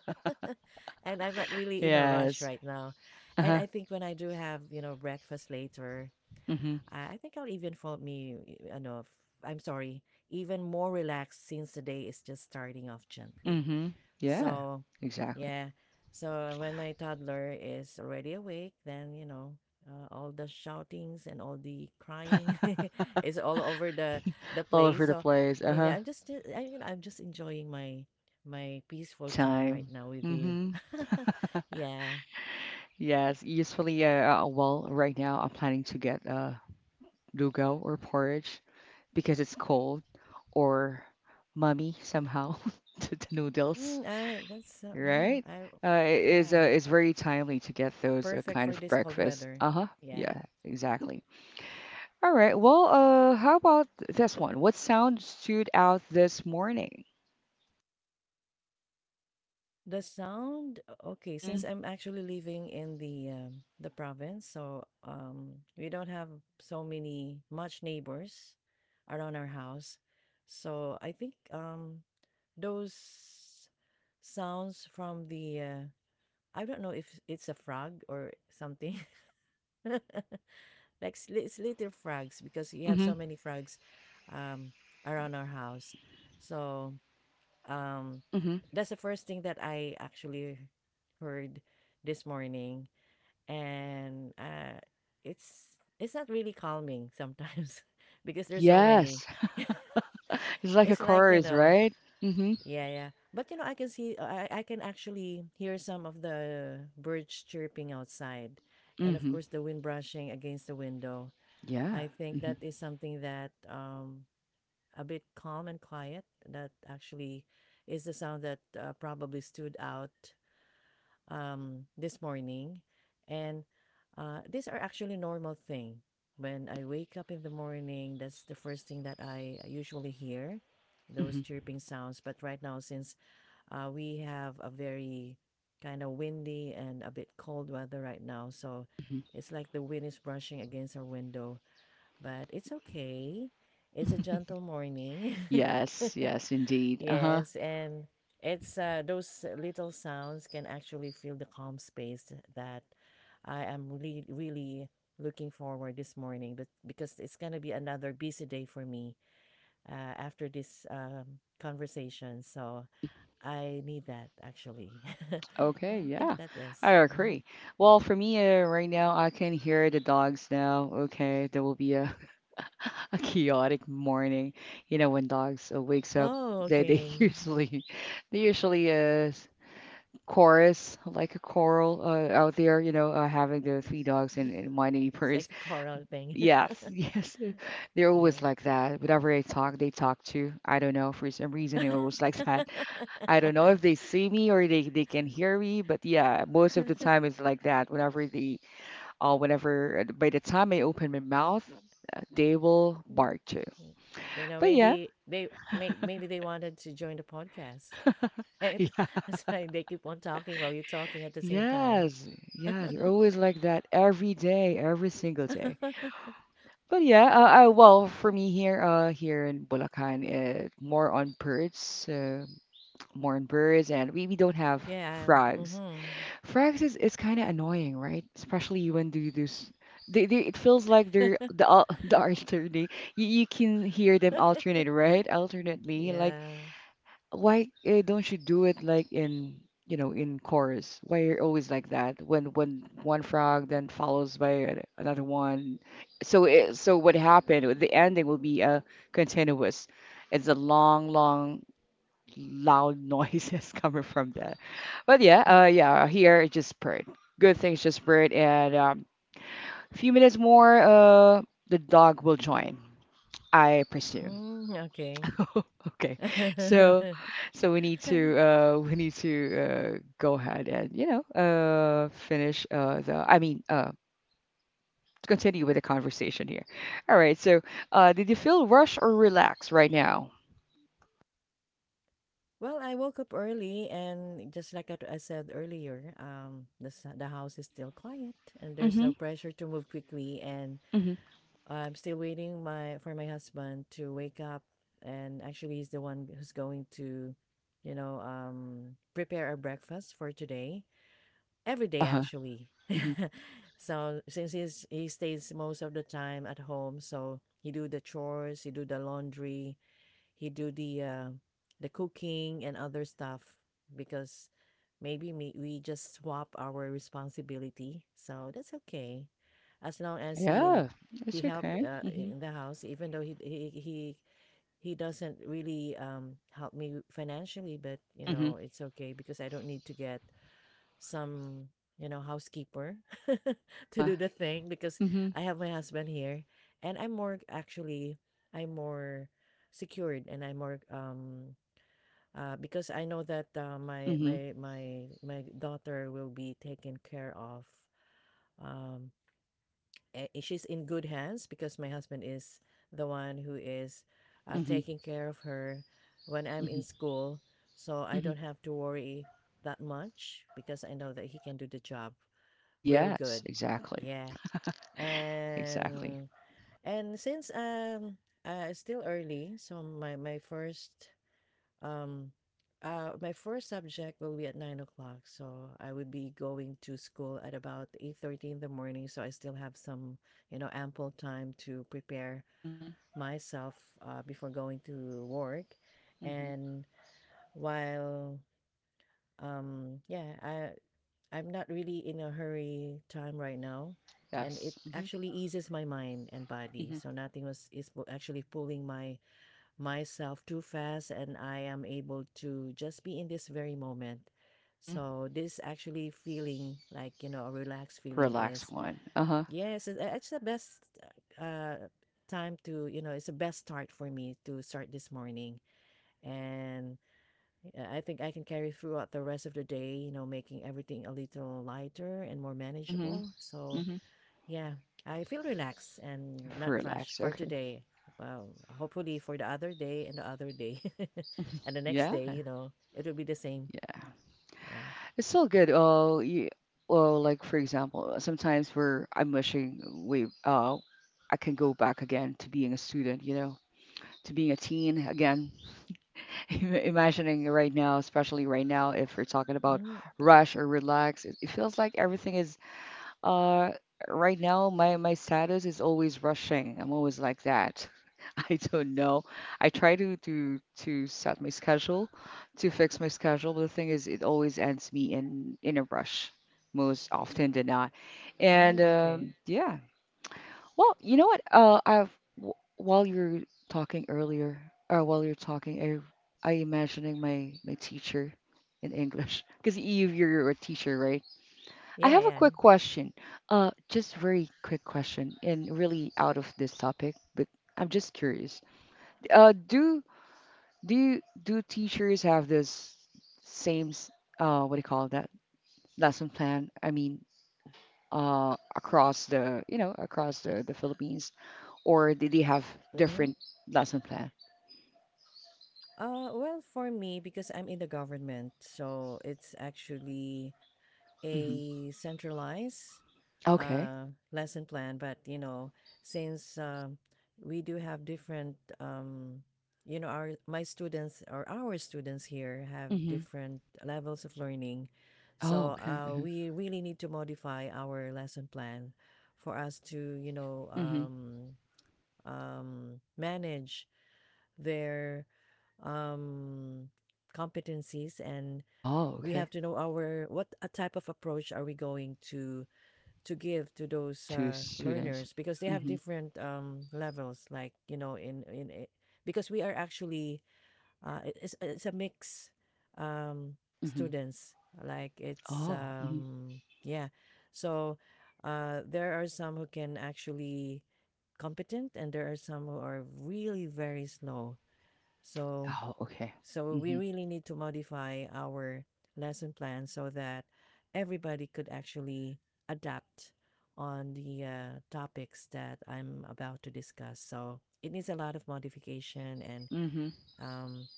Speaker 2: And I'm not really in a rush
Speaker 1: Yes.
Speaker 2: right now. And
Speaker 1: Uh-huh.
Speaker 2: I think when I do have, you know, breakfast later,
Speaker 1: Mm-hmm.
Speaker 2: I think I'll even feel me, you know, f- I'm sorry, even more relaxed since the day is just starting off gently.
Speaker 1: Mm-hmm. Yeah,
Speaker 2: So,
Speaker 1: exactly.
Speaker 2: yeah. So when my toddler is already awake, then you know, all the shoutings and all the crying is all over the
Speaker 1: All over
Speaker 2: place.
Speaker 1: the
Speaker 2: So,
Speaker 1: place.
Speaker 2: yun
Speaker 1: Uh-huh.
Speaker 2: nga, I'm just you know, I'm just enjoying my my
Speaker 1: Me
Speaker 2: peaceful time right
Speaker 1: time.
Speaker 2: now with you.
Speaker 1: Mm-hmm.
Speaker 2: yeah.
Speaker 1: Yes, usually, well, right now I'm planning to get lugaw or porridge because it's cold, or mummy somehow to the noodles,
Speaker 2: Mm, that's mhm,
Speaker 1: right?
Speaker 2: I
Speaker 1: It is
Speaker 2: yeah,
Speaker 1: it's very timely to get those
Speaker 2: perfect
Speaker 1: kind
Speaker 2: for
Speaker 1: of
Speaker 2: this cold
Speaker 1: breakfast.
Speaker 2: weather.
Speaker 1: Uh-huh.
Speaker 2: Yeah.
Speaker 1: Yeah, exactly. All right. Well, how about this one? What sound stood out this morning?
Speaker 2: The sound, okay,
Speaker 1: Mm-hmm.
Speaker 2: since I'm actually living in the province, so we don't have so many much neighbors around our house. So I think those sounds from the I don't know if it's a frog or something,
Speaker 1: Oh,
Speaker 2: like it's little frogs, because you have so
Speaker 1: mm-hmm.
Speaker 2: many frogs um, around our house. So um,
Speaker 1: Mm-hmm.
Speaker 2: that's the first thing that I actually heard this morning. And it's not really calming sometimes because there's so many.
Speaker 1: Yes. It's like a
Speaker 2: It's like, you
Speaker 1: chorus,
Speaker 2: know,
Speaker 1: right? Mm-hmm.
Speaker 2: yeah, yeah. But you know, I can see, I can actually hear some of the birds chirping outside, and of
Speaker 1: Mm-hmm.
Speaker 2: course the wind brushing against the window.
Speaker 1: Yeah.
Speaker 2: I think
Speaker 1: Mm-hmm.
Speaker 2: that is something that a bit calm and quiet. That actually is the sound that probably stood out this morning. And these are actually normal thing. When I wake up in the morning, that's the first thing that I usually hear, those chirping sounds. But right now, since we have a very kind of windy and a bit cold weather right now, so
Speaker 1: Mhm.
Speaker 2: it's like the wind is brushing against our window, but it's okay. It's a gentle morning.
Speaker 1: Yes, yes, indeed. Uh-huh.
Speaker 2: Yes, and it's, those little sounds can actually feel the calm space that I am really, really looking forward this morning, but because it's gonna be another busy day for me uh, after this conversation, so I need that actually. Yeah,
Speaker 1: Okay,
Speaker 2: I think
Speaker 1: yeah.
Speaker 2: that
Speaker 1: I
Speaker 2: is. Mm-hmm.
Speaker 1: agree. Well, for me, right now, I can hear the dogs now. Okay, there will be a, a chaotic morning. You know, when dogs wakes up,
Speaker 2: Oh,
Speaker 1: they
Speaker 2: okay.
Speaker 1: usually they usually s- chorus like a choral, out there. Having the three dogs and, my
Speaker 2: It's
Speaker 1: neighbors.
Speaker 2: like a choral thing.
Speaker 1: Yes, yes, they're
Speaker 2: Yeah.
Speaker 1: always like that. Whenever I talk, they talk too. I don't know, for some reason it was like that. I don't know if they see me or they can hear me, but yeah, most of the time it's like that. Whenever by the time I open my mouth, they will
Speaker 2: Mm,
Speaker 1: bark too.
Speaker 2: mm. You know,
Speaker 1: But yeah,
Speaker 2: maybe they may, maybe they wanted to join the podcast, right?
Speaker 1: yeah,
Speaker 2: That's why they keep on talking while you're talking at the same time.
Speaker 1: yes, yeah, they're always like that every day, every single day. But yeah, well, for me here, here in Bulacan, more on birds, and we don't have
Speaker 2: Yeah.
Speaker 1: frogs.
Speaker 2: Mm-hmm.
Speaker 1: Frags is, it's kind of annoying, right? Especially, when do you, they it feels like they're the the alternate. You can hear them alternate, right? Alternately, like,
Speaker 2: Yeah.
Speaker 1: why, don't you do it like in chorus? Why you're always like that, when one frog then follows by another one. So what happened? The ending will be continuous. It's a long, long loud noises coming from there. But yeah, yeah, here it just purred. Good things just purred, and a few minutes more, the dog will join, I presume.
Speaker 2: Mm, okay.
Speaker 1: Okay, so we need to, go ahead and, finish, the I mean, continue with the conversation here. All right, so did you feel rushed or relaxed right now?
Speaker 2: Well, I woke up early, and just like I said earlier, the the house is still quiet, and there's
Speaker 1: Mm-hmm.
Speaker 2: no pressure to move quickly, and
Speaker 1: Mm-hmm.
Speaker 2: I'm still waiting my for my husband to wake up, and actually he's the one who's going to, you know, prepare our breakfast for today. Every day
Speaker 1: Uh-huh.
Speaker 2: actually.
Speaker 1: Mm-hmm.
Speaker 2: So since he stays most of the time at home, so he do the chores, he do the laundry, he do the cooking and other stuff because maybe me, we just swap our responsibility, so that's okay as long as he
Speaker 1: Yeah,
Speaker 2: he
Speaker 1: that's
Speaker 2: help
Speaker 1: okay. Mm-hmm.
Speaker 2: in the house, even though he doesn't really help me financially, but you
Speaker 1: Mm-hmm.
Speaker 2: know it's okay because I don't need to get some, you know, housekeeper to
Speaker 1: Uh-huh.
Speaker 2: do the thing because
Speaker 1: Mhm.
Speaker 2: I have my husband here. And I'm more secured and I'm more because I know that my
Speaker 1: Mhm.
Speaker 2: my my my daughter will be taken care of. um she's in good hands because my husband is the one who is
Speaker 1: Mhm.
Speaker 2: taking care of her when I'm
Speaker 1: Mhm.
Speaker 2: in school. So I
Speaker 1: Mhm.
Speaker 2: don't have to worry that much because I know that he can do the job real
Speaker 1: Yes,
Speaker 2: good.
Speaker 1: exactly.
Speaker 2: Yeah.
Speaker 1: Exactly.
Speaker 2: And and since it's still early, so my first um my first subject will be at 9 o'clock. So I would be going to school at about 8:30 in the morning. So I still have some, you know, ample time to prepare
Speaker 1: Mhm.
Speaker 2: myself before going to work.
Speaker 1: Mhm.
Speaker 2: And while yeah, I'm not really in a hurry time right now. And it
Speaker 1: Yes. Mhm.
Speaker 2: actually eases my mind and body.
Speaker 1: Mhm.
Speaker 2: So nothing actually pulling my myself too fast, and I am able to just be in this very moment.
Speaker 1: Mhm.
Speaker 2: So this actually feeling like, you know, a relaxed feeling
Speaker 1: Relax
Speaker 2: is,
Speaker 1: one. Uh-huh.
Speaker 2: yes, it's the best uh time to, you know, it's the best start for me to start this morning. And I think I can carry throughout the rest of the day, you know, making everything a little lighter and more
Speaker 1: Mhm.
Speaker 2: manageable. So,
Speaker 1: Mhm.
Speaker 2: yeah, I feel relaxed and not rushed
Speaker 1: Relax.
Speaker 2: for
Speaker 1: Okay.
Speaker 2: today. Well, hopefully for the other day and the other day and the next
Speaker 1: Yeah.
Speaker 2: day, you know, it will be the same.
Speaker 1: Yeah.
Speaker 2: Yeah.
Speaker 1: It's still good. Oh, well, like for example, sometimes where I'm wishing we I can go back again to being a student, to being a teen again. Imagining right now, especially right now, if we're talking about
Speaker 2: Mm, okay.
Speaker 1: rush or relax, it feels like everything is uh right now my status is always rushing. I'm always like that. I don't know. I try to set my schedule, to fix my schedule, but the thing is it always ends me in a rush most often than not. And
Speaker 2: Mm, okay.
Speaker 1: yeah, well, you know what? While you're talking earlier, or while you're talking, I imagining my teacher in English because you're a teacher, right? I
Speaker 2: Yeah,
Speaker 1: have a
Speaker 2: yeah.
Speaker 1: quick question. Just very quick question, and really out of this topic, but I'm just curious. Uh, do do teachers have this same what do you call that, lesson plan? I mean, across the Philippines, or did they have
Speaker 2: Mm-hmm.
Speaker 1: different lesson plan?
Speaker 2: Well, for me, because I'm in the government, so it's actually
Speaker 1: Hmm.
Speaker 2: a centralized
Speaker 1: Okay.
Speaker 2: uh, lesson plan, but you know, since we do have different, you know, our my students or our students here have
Speaker 1: Hmm.
Speaker 2: different levels of learning,
Speaker 1: Oh,
Speaker 2: so
Speaker 1: okay. Hmm.
Speaker 2: we really need to modify our lesson plan for us to, you know,
Speaker 1: Hmm.
Speaker 2: manage their um, competencies. And
Speaker 1: Oh,
Speaker 2: we have
Speaker 1: okay.
Speaker 2: to know our what a type of approach are we going to give to those
Speaker 1: Two students.
Speaker 2: learners because they have
Speaker 1: Hmm.
Speaker 2: different levels, like you know, because we are actually it's a mix um,
Speaker 1: Hmm.
Speaker 2: students, like it's
Speaker 1: Oh. Hmm.
Speaker 2: yeah. So there are some who can actually competent, and there are some who are really very slow. So
Speaker 1: Oh, okay.
Speaker 2: we
Speaker 1: Hmm.
Speaker 2: really need to modify our lesson plan so that everybody could actually adapt on the topics that I'm about to discuss. So it needs a lot of modification and
Speaker 1: Hmm.
Speaker 2: um,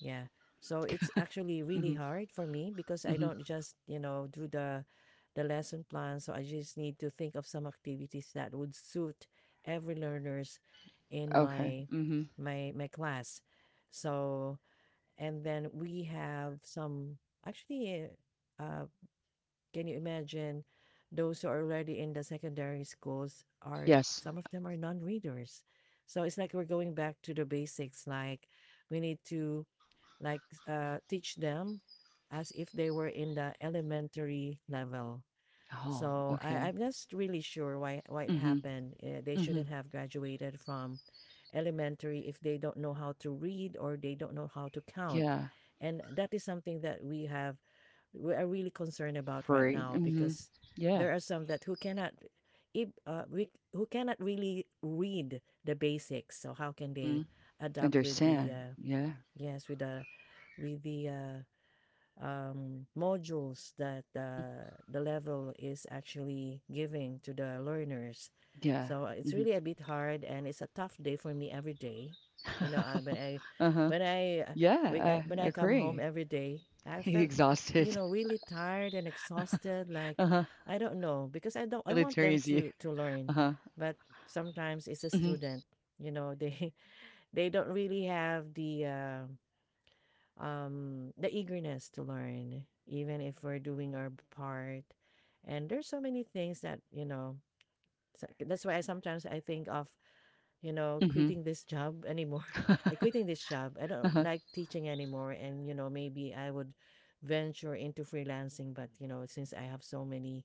Speaker 2: yeah. So it's actually really
Speaker 1: Hmm.
Speaker 2: hard for me because I don't
Speaker 1: Hmm.
Speaker 2: just, you know, do the lesson plan. So I just need to think of some activities that would suit every learners in
Speaker 1: Okay.
Speaker 2: my
Speaker 1: Hmm.
Speaker 2: my my class. So, and then we have some, actually, uh, can you imagine, those who are already in the secondary schools, are,
Speaker 1: Yes.
Speaker 2: some of them are non-readers. So it's like we're going back to the basics, like we need to like teach them as if they were in the elementary level.
Speaker 1: Oh,
Speaker 2: So
Speaker 1: okay.
Speaker 2: I'm just really sure why it
Speaker 1: Hmm.
Speaker 2: happened. They
Speaker 1: Hmm.
Speaker 2: shouldn't have graduated from elementary if they don't know how to read or they don't know how to count,
Speaker 1: Yeah.
Speaker 2: and that is something that we are really concerned about right
Speaker 1: Free.
Speaker 2: now
Speaker 1: Hmm.
Speaker 2: because
Speaker 1: Yeah.
Speaker 2: there are some that who cannot, if we who cannot really read the basics. So how can they
Speaker 1: Hmm.
Speaker 2: adapt with the
Speaker 1: Understand.
Speaker 2: uh,
Speaker 1: Yeah.
Speaker 2: yes, with the modules that
Speaker 1: Hmm.
Speaker 2: the level is actually giving to the learners.
Speaker 1: Yeah.
Speaker 2: So it's really a bit hard, and it's a tough day for me every day. You know,
Speaker 1: Hmm.
Speaker 2: when I, uh,
Speaker 1: Yeah,
Speaker 2: when
Speaker 1: I
Speaker 2: I come home
Speaker 1: agree.
Speaker 2: every day, I felt, you
Speaker 1: Exhausted.
Speaker 2: know, really tired and exhausted. Like,
Speaker 1: Uh-huh.
Speaker 2: I don't know because I don't. I
Speaker 1: Really
Speaker 2: want them
Speaker 1: tires you.
Speaker 2: to learn,
Speaker 1: Uh-huh.
Speaker 2: but sometimes it's a
Speaker 1: Mhm.
Speaker 2: student. You know, they they don't really have the. The eagerness to learn, even if we're doing our part. And there's so many things that, you know, that's why I sometimes I think of, you know,
Speaker 1: Mhm.
Speaker 2: quitting this job anymore. I quitting this job. I don't
Speaker 1: Uh-huh.
Speaker 2: like teaching anymore. And, you know, maybe I would venture into freelancing. But, you know, since I have so many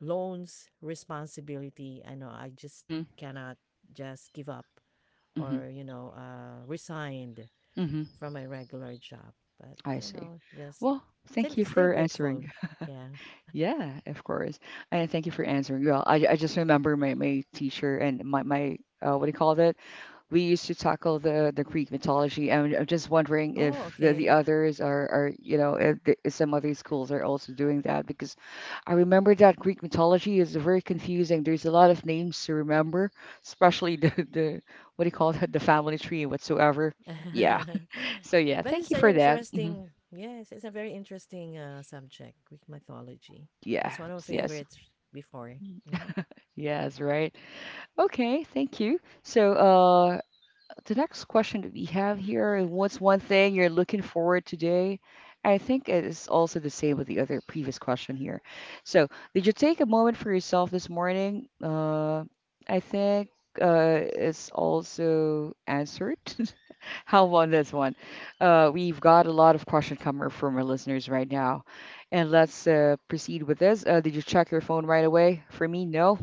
Speaker 2: loans, responsibility, I know I just
Speaker 1: Mhm.
Speaker 2: cannot just give up
Speaker 1: Mhm.
Speaker 2: or, you know, resigned
Speaker 1: Mhm.
Speaker 2: from my regular job. But
Speaker 1: I
Speaker 2: you
Speaker 1: see.
Speaker 2: know, just
Speaker 1: Well, thank you
Speaker 2: still
Speaker 1: for
Speaker 2: grateful.
Speaker 1: answering.
Speaker 2: Yeah.
Speaker 1: Yeah, of course. And thank you for answering. Well, I just remember my teacher and my what do you call it? We used to tackle the Greek mythology. And I'm just wondering
Speaker 2: Oh,
Speaker 1: if the
Speaker 2: okay.
Speaker 1: others are, are, if some other schools are also doing that, because I remember that Greek mythology is very confusing. There's a lot of names to remember, especially the, what do you call it, the family tree and whatsoever. Yeah. So yeah,
Speaker 2: But
Speaker 1: thank
Speaker 2: it's
Speaker 1: you
Speaker 2: an
Speaker 1: for that. Hmm.
Speaker 2: interesting. Yes, it's a very interesting subject. Greek mythology.
Speaker 1: Yeah.
Speaker 2: That's one of my
Speaker 1: Yes.
Speaker 2: favorites before. Mm-hmm.
Speaker 1: Yes, right. Okay, thank you. So, the next question that we have here is what's one thing you're looking forward today? I think it is also the same with the other previous question here. So, did you take a moment for yourself this morning? I think it's also answered. How about this one? We've got a lot of questions coming from our listeners right now, and let's proceed with this. Did you check your phone right away? For me, no.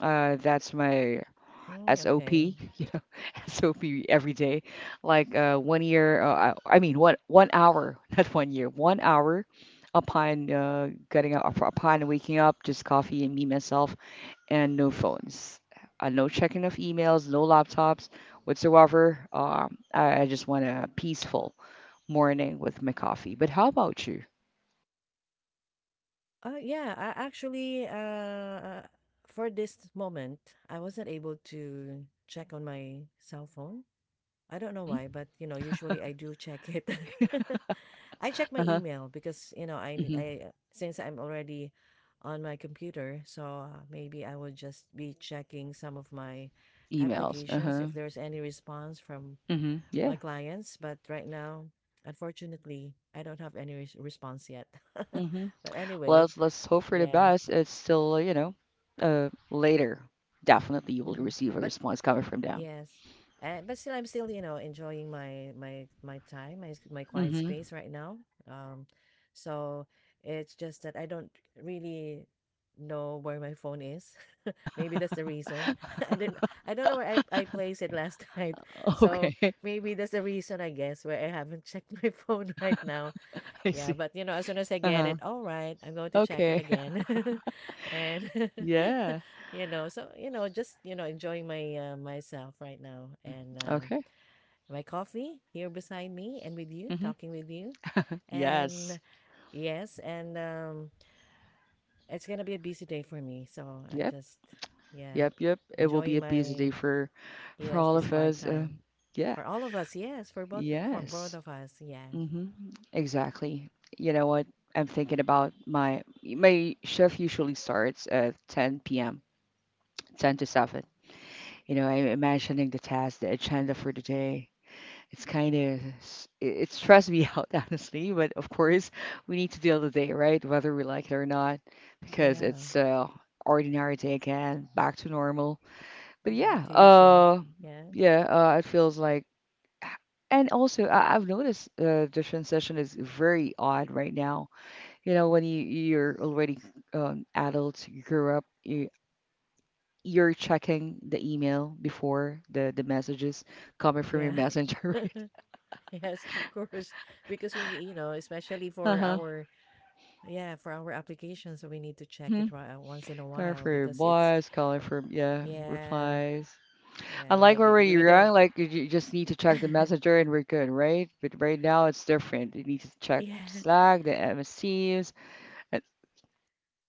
Speaker 1: That's my
Speaker 2: Mm, okay.
Speaker 1: SOP, you know, SOP every day. Like one year, I mean one hour, not one year, one hour upon getting up, upon waking up, just coffee and me myself, and no phones, no checking of emails, no laptops whatsoever. I just want a peaceful morning with my coffee. But how about you?
Speaker 2: Yeah, I actually for this moment, I wasn't able to check on my cell phone. I don't know
Speaker 1: Hmm.
Speaker 2: why, but you know, usually I do check it. I check my
Speaker 1: Uh-huh.
Speaker 2: email because you know,
Speaker 1: Hmm.
Speaker 2: I since I'm already on my computer, so maybe I will just be checking some of my
Speaker 1: Emails.
Speaker 2: applications
Speaker 1: Uh-huh.
Speaker 2: if there's any response from
Speaker 1: Hmm. Yeah.
Speaker 2: my clients. But right now, unfortunately, I don't have any response yet.
Speaker 1: Hmm.
Speaker 2: But anyway,
Speaker 1: Let's hope for the
Speaker 2: yeah.
Speaker 1: best. It's still, you know, later. Definitely, you will
Speaker 2: Hmm.
Speaker 1: receive a
Speaker 2: But.
Speaker 1: response coming from them.
Speaker 2: Yes. And but still I'm still, you know, enjoying my time, my quiet
Speaker 1: Hmm.
Speaker 2: space right now. Um, so it's just that I don't really know where my phone is. Maybe that's the reason. I didn't I don't know where I placed it last night. So
Speaker 1: Okay.
Speaker 2: maybe that's the reason, I guess, why I haven't checked my phone right now.
Speaker 1: I
Speaker 2: Yeah,
Speaker 1: see.
Speaker 2: but you know, as soon as I get
Speaker 1: Uh-huh.
Speaker 2: it, all right, I'm going to check it
Speaker 1: Okay.
Speaker 2: again. And
Speaker 1: Yeah.
Speaker 2: you know, you know, just, you know, enjoying my myself right now,
Speaker 1: Hmm.
Speaker 2: and
Speaker 1: Okay.
Speaker 2: my coffee here beside me and with you,
Speaker 1: Hmm.
Speaker 2: talking with you.
Speaker 1: Yes.
Speaker 2: And yes, and it's going to be a busy day for me, so I'm
Speaker 1: Yep.
Speaker 2: just, yeah,
Speaker 1: Yep. Yep. It will be
Speaker 2: enjoying
Speaker 1: a busy
Speaker 2: my
Speaker 1: day for
Speaker 2: yes,
Speaker 1: all
Speaker 2: this
Speaker 1: of
Speaker 2: quiet
Speaker 1: us.
Speaker 2: time
Speaker 1: Yeah.
Speaker 2: for all of us. Yes, for both
Speaker 1: Yes.
Speaker 2: of us. Yeah.
Speaker 1: Hmm. Exactly. You know what? I'm thinking about my shift usually starts at 10 p.m. 10 to 7. You know, I'm imagining the task, the agenda for the day. It's kind of, it stressed me out, honestly, but of course, we need to deal with the day, right? Whether we like it or not, because
Speaker 2: Yeah.
Speaker 1: it's ordinary day again, back to normal. But
Speaker 2: Back
Speaker 1: yeah,
Speaker 2: to usual. Yeah.
Speaker 1: yeah, it feels like, and also I've noticed the transition is very odd right now. You know, when you're already adult, you grew up, you, you're checking the email before the messages coming from your
Speaker 2: Yeah.
Speaker 1: messenger, right?
Speaker 2: Yes, of course. Because we need, you know, especially for
Speaker 1: Uh-huh.
Speaker 2: our applications, we need to check
Speaker 1: Mm-hmm.
Speaker 2: it once in a
Speaker 1: Calling
Speaker 2: while
Speaker 1: for your
Speaker 2: because it's,
Speaker 1: boss, calling for yeah,
Speaker 2: yeah,
Speaker 1: replies.
Speaker 2: yeah,
Speaker 1: Unlike
Speaker 2: like
Speaker 1: when we
Speaker 2: we
Speaker 1: were
Speaker 2: don't,
Speaker 1: young, like you just need to check the messenger and we're good, right? But right now it's different. You need to check
Speaker 2: yeah.
Speaker 1: Slack, the MS Teams, and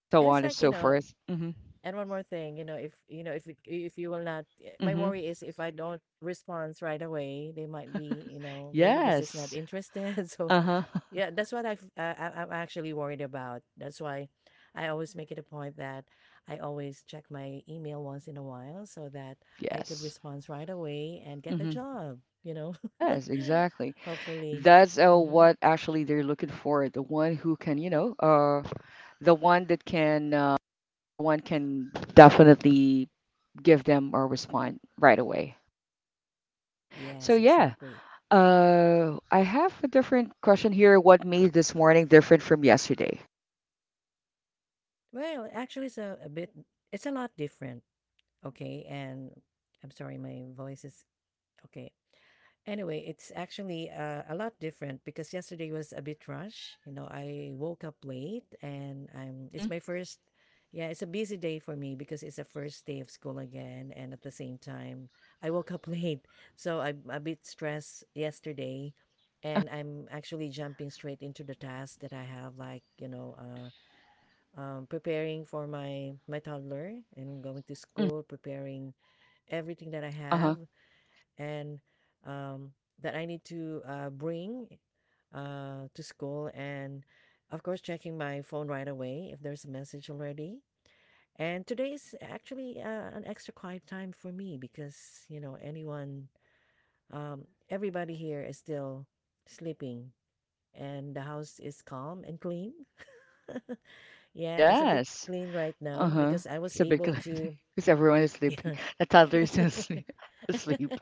Speaker 1: so
Speaker 2: And it's
Speaker 1: on and
Speaker 2: like, you
Speaker 1: so
Speaker 2: know,
Speaker 1: forth. Mm-hmm.
Speaker 2: and one more thing, you know, if you will not, my
Speaker 1: Mm-hmm.
Speaker 2: worry is if I don't respond right away, they might be, you know, maybe this is not
Speaker 1: Yes.
Speaker 2: interested. So.
Speaker 1: Uh-huh.
Speaker 2: Yeah, that's what I'm actually worried about. That's why I always make it a point that I always check my email once in a while so that I could
Speaker 1: Yes.
Speaker 2: respond right away and get the
Speaker 1: Mm-hmm.
Speaker 2: job, you know?
Speaker 1: Yes, exactly.
Speaker 2: Hopefully.
Speaker 1: That's
Speaker 2: Hmm.
Speaker 1: what actually they're looking for, the one who can, you know, the one that can uh, the one can definitely give them or respond right away. So
Speaker 2: Yes,
Speaker 1: yeah,
Speaker 2: exactly.
Speaker 1: I have a different question here. What made this morning different from yesterday?
Speaker 2: Well, actually, it's a lot different. Okay. And I'm sorry, my voice is okay. Anyway, it's actually a lot different because yesterday was a bit rush. You know, I woke up late and I'm
Speaker 1: Mm-hmm.
Speaker 2: it's my first yeah, it's a busy day for me because it's the first day of school again, and at the same time, I woke up late. So I'm a bit stressed yesterday, and I'm actually jumping straight into the task that I have, like, you know, preparing for my toddler and going to
Speaker 1: Hmm.
Speaker 2: school, preparing everything that I have
Speaker 1: Uh-huh.
Speaker 2: and um, that I need to bring to school. And of course checking my phone right away if there's a message already. And today is actually an extra quiet time for me because you know, anyone everybody here is still sleeping, and the house is calm and clean. Yeah, it's a bit
Speaker 1: Yes.
Speaker 2: clean right now
Speaker 1: Uh-huh.
Speaker 2: because I was
Speaker 1: It's a big
Speaker 2: able to.
Speaker 1: because everyone is sleeping.
Speaker 2: Yeah.
Speaker 1: The toddler is still asleep. Asleep.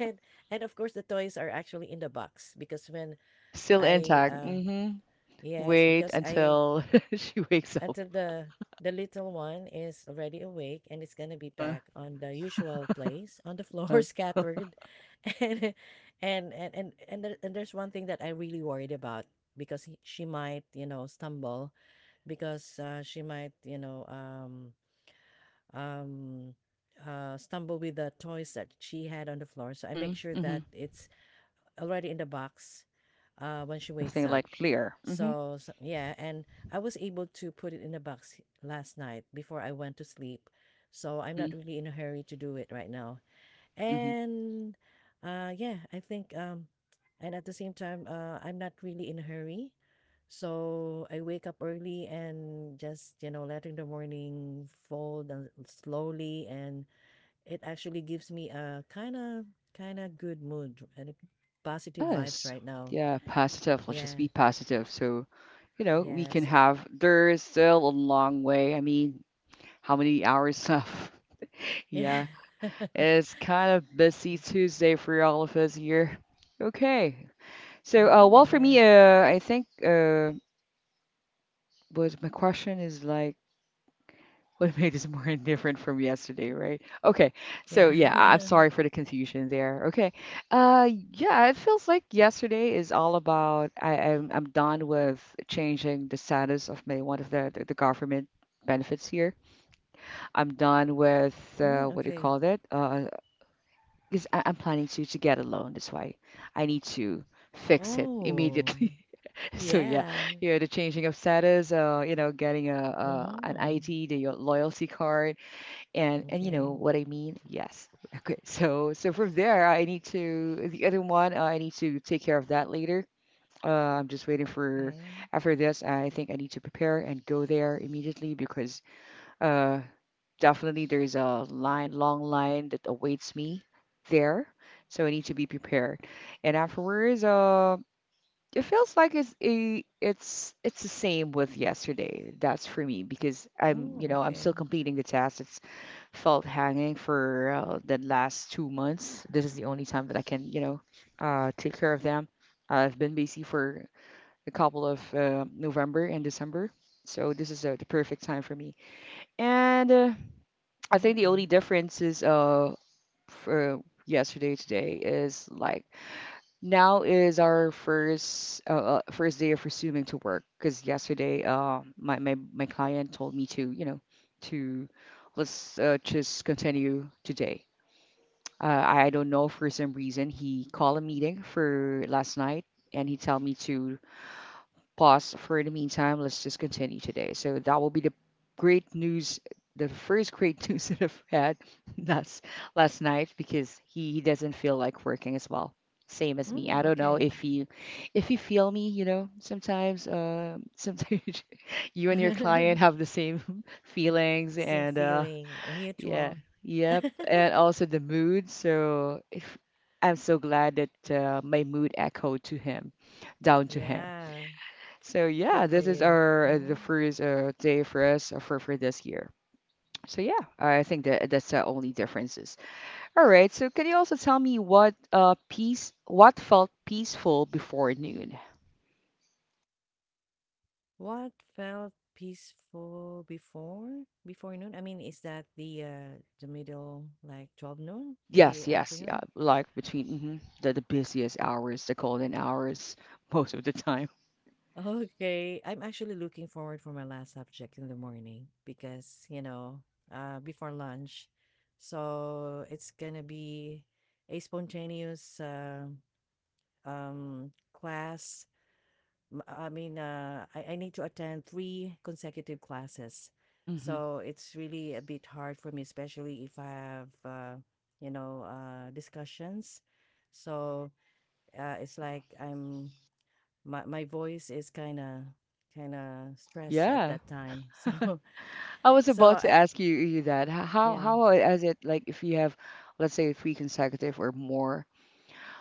Speaker 2: and and of course the toys are actually in the box because when
Speaker 1: Still
Speaker 2: I
Speaker 1: intact. Mm-hmm.
Speaker 2: yes,
Speaker 1: Wait
Speaker 2: because I
Speaker 1: until she wakes up.
Speaker 2: until the little one is already awake, and it's gonna be
Speaker 1: Uh-huh.
Speaker 2: back on the usual place on the floor
Speaker 1: Uh,
Speaker 2: scattered. And and and and and, there, and there's one thing that I really worried about because she might, you know, stumble because she might, you know, um, stumble with the toys that she had on the floor. So I make
Speaker 1: mm-hmm.
Speaker 2: sure
Speaker 1: Mm-hmm.
Speaker 2: that it's already in the box when she wakes
Speaker 1: Something like
Speaker 2: up.
Speaker 1: clear. Mm-hmm.
Speaker 2: So, yeah, and I was able to put it in a box last night before I went to sleep. So I'm
Speaker 1: Mm-hmm.
Speaker 2: not really in a hurry to do it right now. And yeah, I think, and at the same time, I'm not really in a hurry. So I wake up early and just, you know, letting the morning fold and slowly. And it actually gives me a kind of good mood and a positive vibes
Speaker 1: Yes.
Speaker 2: right now.
Speaker 1: Yeah, positive. Let's just be
Speaker 2: Yeah.
Speaker 1: positive. So, you know, we can
Speaker 2: Yes.
Speaker 1: have, there's still a long way. I mean, how many hours left?
Speaker 2: Yeah.
Speaker 1: Yeah, it's kind of busy Tuesday for all of us here. Okay. So,
Speaker 2: Mhm,
Speaker 1: for me,
Speaker 2: yes.
Speaker 1: I think was my question is like, what made this more indifferent from yesterday, right? Okay, so
Speaker 2: Yeah.
Speaker 1: yeah, I'm sorry for the confusion there. Okay, yeah, it feels like yesterday is all about I'm done with changing the status of my one of the government benefits here. I'm done with
Speaker 2: Mm,
Speaker 1: what do you
Speaker 2: okay.
Speaker 1: call that? Because I'm planning to get a loan. That's why I need to fix it
Speaker 2: Oh,
Speaker 1: immediately. So yeah,
Speaker 2: yeah.
Speaker 1: yeah, the changing of status, you know, getting a an
Speaker 2: Mm-hmm.
Speaker 1: ID, the loyalty card and you know
Speaker 2: Okay,
Speaker 1: what I mean? Yes. Okay. So from there, I need to the other one. I need to take care of that later. I'm just waiting for
Speaker 2: okay.
Speaker 1: after this. I think I need to prepare and go there immediately because uh definitely there is a line, long line that awaits me there. So I need to be prepared. And afterwards, it feels like it's the same with yesterday. That's for me because I'm
Speaker 2: Mm,
Speaker 1: you know I'm
Speaker 2: okay,
Speaker 1: still completing the task. It's felt hanging for the last 2 months. This is the only time that I can, you know, take care of them. I've been busy for a couple of November and December, so this is the perfect time for me. And I
Speaker 2: mm,
Speaker 1: think the
Speaker 2: okay.
Speaker 1: only difference is for yesterday today is like now is our first first day of resuming to work because yesterday my client told me to you know to let's just continue today. I don't know for some reason he called a meeting for last night and he tell me to pause for the meantime. Let's just continue today. So that will be the great news, the first great news that I've had last last night because he doesn't feel like working as well. Same as me. I
Speaker 2: Mm,
Speaker 1: don't know
Speaker 2: okay.
Speaker 1: if you feel me, you know, sometimes sometimes you and your client have the same feelings
Speaker 2: Same
Speaker 1: and
Speaker 2: feeling, right?
Speaker 1: yeah,
Speaker 2: Mutual.
Speaker 1: yep. And also the mood. So if, I'm so glad that my mood echoed to him, down to him.
Speaker 2: Yeah,
Speaker 1: So
Speaker 2: good
Speaker 1: yeah,
Speaker 2: for
Speaker 1: this is
Speaker 2: you.
Speaker 1: our the
Speaker 2: hmm
Speaker 1: first day for us for this year. So yeah, I think that's the only differences. All right. So can you also tell me what what felt peaceful before noon?
Speaker 2: What felt peaceful before noon? I mean, is that the the middle, like 12 noon in the
Speaker 1: Yes, yes, yeah.
Speaker 2: afternoon?
Speaker 1: Like between the busiest hours, the golden hours, most of the time.
Speaker 2: Okay, I'm actually looking forward for my last subject in the morning because, before lunch. So it's gonna be a spontaneous class. I need to attend three consecutive classes.
Speaker 1: Hmm.
Speaker 2: So it's really a bit hard for me, especially if I have, discussions. So it's like I'm my my voice is kind of stressed at
Speaker 1: Yeah.
Speaker 2: that time. So
Speaker 1: I was
Speaker 2: so
Speaker 1: about to
Speaker 2: I
Speaker 1: ask you that
Speaker 2: yeah.
Speaker 1: how is it like if you have, let's say, three consecutive or more,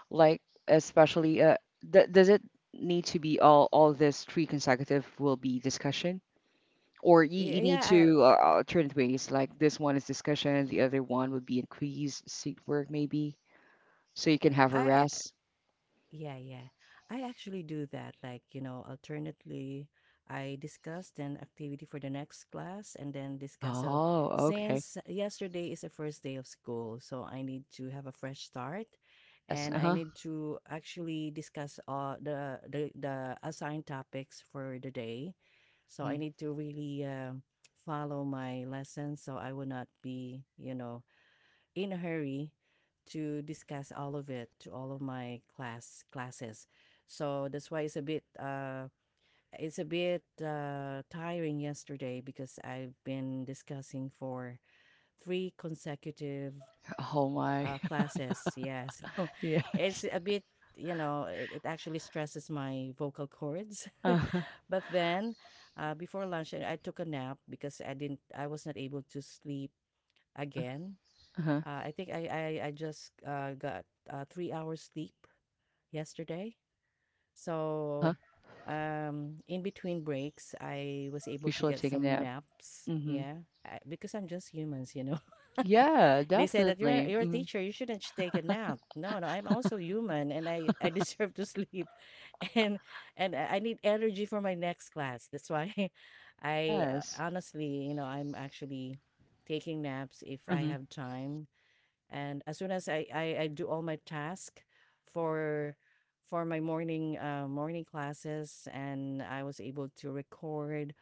Speaker 1: like especially th does it need to be all this three consecutive will be discussion, or you
Speaker 2: Y-
Speaker 1: need
Speaker 2: Yeah,
Speaker 1: to alternate ways, like this one is discussion, the other one would be increased seat work maybe, so you can have a
Speaker 2: I
Speaker 1: rest.
Speaker 2: Yeah, yeah, I actually do that. Like, you know, alternately, I
Speaker 1: Mm.
Speaker 2: discuss an activity for the next class and then discuss. So,
Speaker 1: Oh, okay.
Speaker 2: since yesterday is the first day of school, so I need to have a fresh start,
Speaker 1: Yes.
Speaker 2: and I
Speaker 1: Uh-huh.
Speaker 2: need to actually discuss all the assigned topics for the day. So,
Speaker 1: Hmm.
Speaker 2: I need to really follow my lessons, so I will not be, you know, in a hurry to
Speaker 1: Hmm.
Speaker 2: discuss all of it to all of my classes. So that's why it's a bit tiring yesterday, because I've been discussing for three consecutive
Speaker 1: Oh my.
Speaker 2: classes. Yeah, so it's
Speaker 1: Yes.
Speaker 2: a bit, you know, it actually stresses my vocal cords.
Speaker 1: Uh-huh.
Speaker 2: But then, before lunch I took a nap because I was not able to sleep
Speaker 1: Uh-huh.
Speaker 2: again.
Speaker 1: Uh-huh.
Speaker 2: I think I just got 3 hours sleep yesterday.
Speaker 1: Uh-huh.
Speaker 2: So, in between breaks, I was able
Speaker 1: You
Speaker 2: to
Speaker 1: should
Speaker 2: get
Speaker 1: take a
Speaker 2: some
Speaker 1: nap.
Speaker 2: naps.
Speaker 1: Hmm.
Speaker 2: Yeah, I, because I'm just humans, you know.
Speaker 1: Yeah,
Speaker 2: They said that you're
Speaker 1: definitely.
Speaker 2: you're a
Speaker 1: Hmm.
Speaker 2: teacher, you shouldn't take a nap. No, no, I'm also human, and I deserve to sleep, and I need energy for my next class. That's why I,
Speaker 1: Yes.
Speaker 2: honestly, you know, I'm actually taking naps if I
Speaker 1: Hmm.
Speaker 2: have time, and as soon as I do all my task for my morning classes, and I was able to record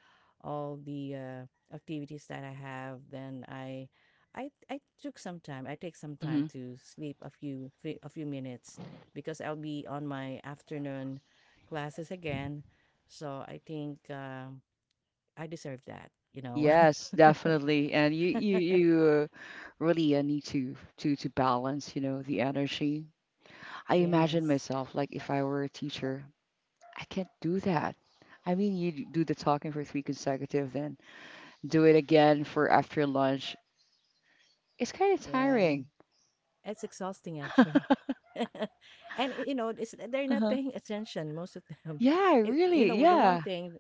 Speaker 2: all the activities that I have, then I took some time. I take some time
Speaker 1: Hmm.
Speaker 2: to sleep a few minutes because I'll be on my afternoon classes again. So I think, I deserve that, you know.
Speaker 1: Yes, definitely. And you you you really need to balance, you know, the energy. I imagine
Speaker 2: Yes.
Speaker 1: myself like if I were a teacher, I can't do that. I mean, you do the talking for three consecutive, then do it again for after lunch. It's kind of
Speaker 2: Yeah,
Speaker 1: tiring.
Speaker 2: it's exhausting actually. And, you know, it's they're not
Speaker 1: Uh-huh.
Speaker 2: paying attention, most of them.
Speaker 1: Yeah,
Speaker 2: You
Speaker 1: really.
Speaker 2: know, the one
Speaker 1: Yeah.
Speaker 2: thing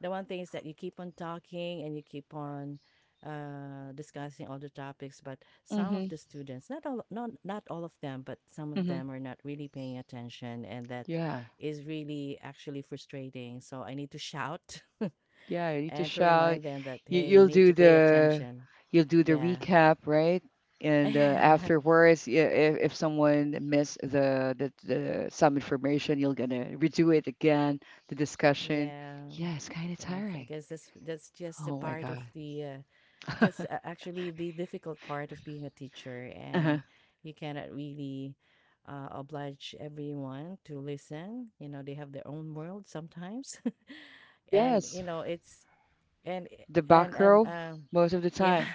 Speaker 2: the one thing is that you keep on talking, and you keep on discussing all the topics, but some of
Speaker 1: Hmm.
Speaker 2: the students, not not all of them, but some of
Speaker 1: Hmm.
Speaker 2: them are not really paying attention, and that
Speaker 1: Yeah.
Speaker 2: is really actually frustrating. So I need to shout
Speaker 1: Yeah, you need to
Speaker 2: and to
Speaker 1: shout.
Speaker 2: remind them that,
Speaker 1: You
Speaker 2: hey, you
Speaker 1: you'll
Speaker 2: need
Speaker 1: do
Speaker 2: to pay
Speaker 1: the
Speaker 2: attention.
Speaker 1: you'll do the
Speaker 2: Yeah.
Speaker 1: recap, right? And afterwards, if if someone missed the some information, you're gonna redo it again, the discussion.
Speaker 2: Yeah.
Speaker 1: Yeah, it's kind of
Speaker 2: Yes, I
Speaker 1: tiring.
Speaker 2: guess that's just a
Speaker 1: Oh my
Speaker 2: part of
Speaker 1: God.
Speaker 2: the that's actually the difficult part of being a teacher,
Speaker 1: Uh-huh.
Speaker 2: and you cannot really oblige everyone to listen. You know, they have their own world sometimes, and you
Speaker 1: Yes,
Speaker 2: know it's, and
Speaker 1: the
Speaker 2: and
Speaker 1: back
Speaker 2: and
Speaker 1: row
Speaker 2: um,
Speaker 1: most of the
Speaker 2: yeah,
Speaker 1: time.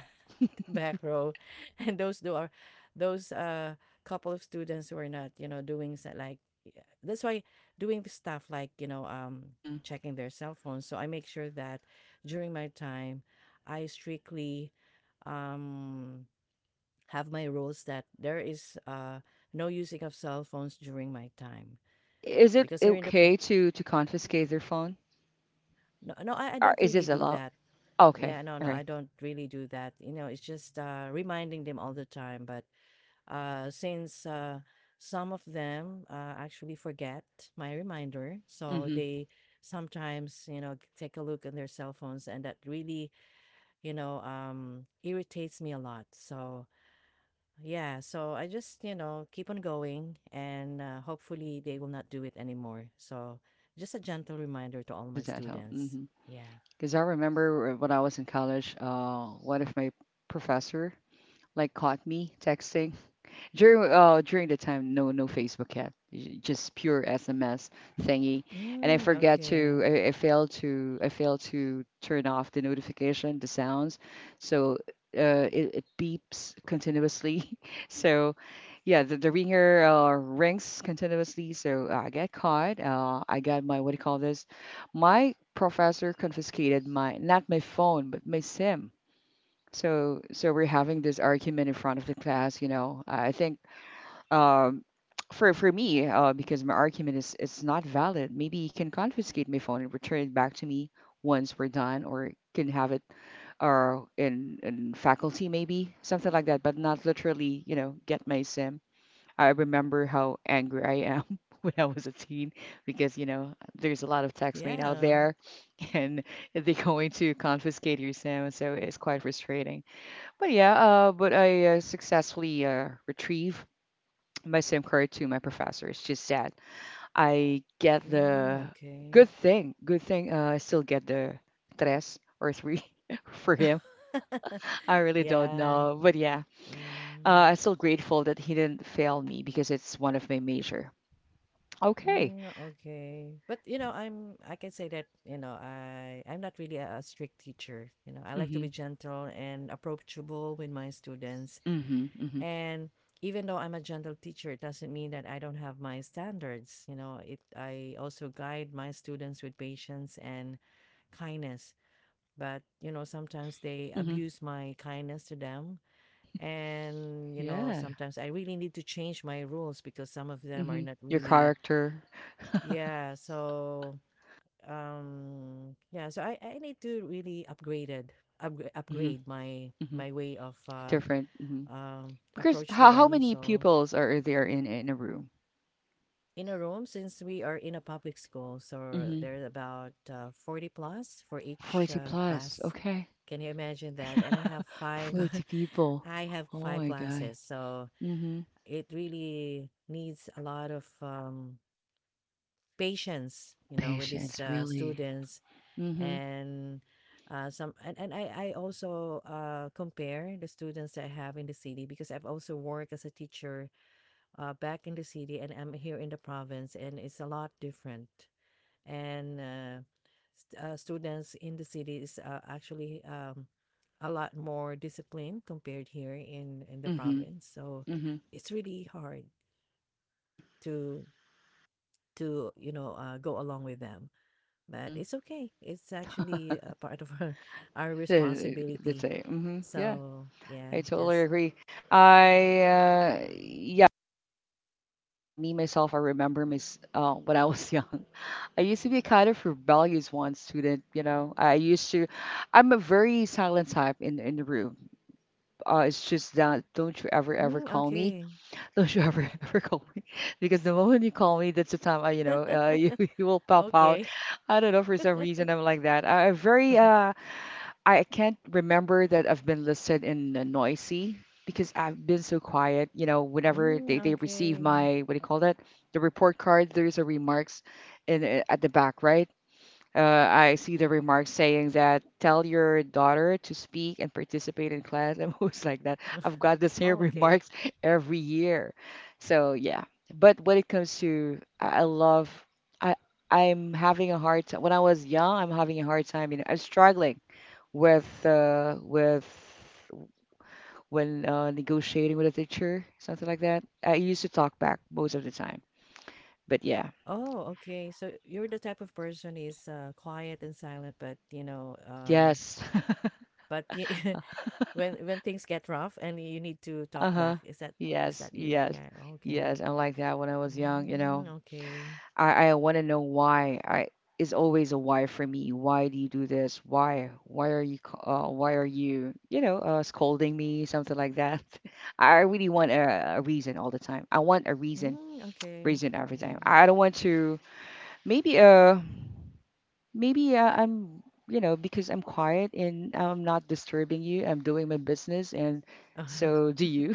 Speaker 2: back row, and those do are those couple of students who are not, you know, doing sa- like yeah, that's why doing the stuff, like, you know,
Speaker 1: Hmm.
Speaker 2: checking their cell phones. So I make sure that during my time I strictly um have my rules that there is no using of cell phones during my time,
Speaker 1: But is it
Speaker 2: because here in the
Speaker 1: okay
Speaker 2: pro-
Speaker 1: to confiscate their phone?
Speaker 2: no, no, I
Speaker 1: Or
Speaker 2: don't
Speaker 1: is
Speaker 2: really
Speaker 1: this a
Speaker 2: do
Speaker 1: law?
Speaker 2: that.
Speaker 1: Okay,
Speaker 2: Yeah, no,
Speaker 1: all
Speaker 2: no, I
Speaker 1: right.
Speaker 2: don't really do that. You know, it's just reminding them all the time. But since some of them actually forget my reminder. So
Speaker 1: Mm-hmm.
Speaker 2: they sometimes, you know, take a look at their cell phones, and that really, you know, irritates me a lot. So, yeah, so I just, you know, keep on going, and hopefully they will not do it anymore. So, just a gentle reminder to all my
Speaker 1: Just at home.
Speaker 2: students.
Speaker 1: Mm-hmm.
Speaker 2: Yeah.
Speaker 1: Because I remember when I was in college, one of my professor like caught me texting during during the time, no Facebook yet, just pure SMS thingy. And I
Speaker 2: Mm,
Speaker 1: forget
Speaker 2: okay.
Speaker 1: to I failed to turn off the notification, the sounds, so it, it beeps continuously. So yeah, the ringer rings continuously. So I got caught. I got my what do you call this? My professor confiscated my not my phone but my SIM. So we're having this argument in front of the class. You know, I think um, for me, because my argument is it's not valid. Maybe he can confiscate my phone and return it back to me once we're done, or can have it or in faculty maybe something like that, but not literally, you know, get my SIM. I remember how angry I am when I was a teen because you know there's a lot of text made out
Speaker 2: Yeah.
Speaker 1: there, and they're going to confiscate your SIM, so it's quite frustrating. But yeah, but I successfully retrieve my same card to my professor. It's just sad. I get
Speaker 2: Mm,
Speaker 1: the
Speaker 2: okay.
Speaker 1: Good thing. Good thing I still get the tres or three for him. I really don't
Speaker 2: Yeah.
Speaker 1: know. But yeah,
Speaker 2: Mm,
Speaker 1: I'm still grateful that he didn't fail me because it's one of my major. Okay.
Speaker 2: mm, okay. But you know, I can say that, you know, I I'm not really a strict teacher. You know, I like to
Speaker 1: Hmm.
Speaker 2: be gentle and approachable with my students.
Speaker 1: Hmm. Hmm.
Speaker 2: And even though I'm a gentle teacher, it doesn't mean that I don't have my standards. You know, it I also guide my students with patience and kindness. But, you know, sometimes they
Speaker 1: Hmm.
Speaker 2: abuse my kindness to them. And, you know,
Speaker 1: Yeah.
Speaker 2: sometimes I really need to change my rules, because some of them are
Speaker 1: Hmm.
Speaker 2: not
Speaker 1: Your
Speaker 2: really.
Speaker 1: character.
Speaker 2: Yeah, so yeah, so I need to really
Speaker 1: Hmm.
Speaker 2: upgrade
Speaker 1: Hmm.
Speaker 2: my way of
Speaker 1: Different. Hmm. Because
Speaker 2: approach to
Speaker 1: how
Speaker 2: them.
Speaker 1: many
Speaker 2: So
Speaker 1: pupils are there in a room?
Speaker 2: in a room, since we are in a public school, so
Speaker 1: Hmm.
Speaker 2: there's about 40 plus for each
Speaker 1: 40 plus.
Speaker 2: class.
Speaker 1: Okay.
Speaker 2: Can you imagine that? And I have five
Speaker 1: 40 people.
Speaker 2: I have
Speaker 1: Oh
Speaker 2: five
Speaker 1: my God.
Speaker 2: classes, so
Speaker 1: Mm-hmm.
Speaker 2: it really needs a lot of, patience, you know, with these
Speaker 1: Patience, really.
Speaker 2: students.
Speaker 1: Mm-hmm.
Speaker 2: And and I also compare the students that I have in the city, because I've also worked as a teacher back in the city, and I'm here in the province, and it's a lot different. And students in the city is actually a lot more disciplined compared here in the
Speaker 1: Mm-hmm.
Speaker 2: province. So
Speaker 1: Mm-hmm.
Speaker 2: it's really hard
Speaker 1: Mm-hmm.
Speaker 2: to you know go along with them, but
Speaker 1: Mm-hmm.
Speaker 2: it's okay. It's actually a part of our our
Speaker 1: Let's
Speaker 2: responsibility.
Speaker 1: say. Mm-hmm. Yeah,
Speaker 2: So
Speaker 1: I
Speaker 2: yeah,
Speaker 1: totally
Speaker 2: just
Speaker 1: agree. Yeah, I remember mis when I was young. I used to be kind of rebellious one student, you know. I used to, I'm a very silent type in the room. It's just that don't you ever ever
Speaker 2: "Mm,
Speaker 1: call me.
Speaker 2: okay.
Speaker 1: Don't you ever ever call me because the moment you call me, that's the time I, you know, you, you will pop out.
Speaker 2: Okay.
Speaker 1: I don't know for some reason I'm like that. I very I can't remember that I've been listed in noisy because I've been so quiet. You know, whenever
Speaker 2: Mm,
Speaker 1: they receive
Speaker 2: okay.
Speaker 1: my what do you call that, the report card, there's a remarks in at the back, right? Uh, I see the remarks saying that tell your daughter to speak and participate in class. I'm always like that. I've got the same
Speaker 2: Oh, okay.
Speaker 1: remarks every year. So yeah. But when it comes to, I love, I I'm having a hard time. When I was young, I'm having a hard time. You know, I'm struggling with when negotiating with a teacher, something like that. I used to talk back most of the time. But yeah,
Speaker 2: Oh, okay. So you're the type of person is, quiet and silent, but you know,
Speaker 1: yes.
Speaker 2: but when things get rough and you need to talk
Speaker 1: Uh-huh.
Speaker 2: back, is
Speaker 1: Yes,
Speaker 2: that you?
Speaker 1: yes,
Speaker 2: Yeah. Okay.
Speaker 1: yes. I like that when I was young, you know.
Speaker 2: Mm, okay.
Speaker 1: I want to know why. I It's always a why for me. Why do you do this? Why? Why are you, scolding me, something like that. I really want a reason all the time. I want a reason,
Speaker 2: Mm, okay.
Speaker 1: reason every time.
Speaker 2: Mm.
Speaker 1: I don't want to maybe maybe I'm, you know, because I'm quiet and I'm not disturbing you. I'm doing my business and so do you.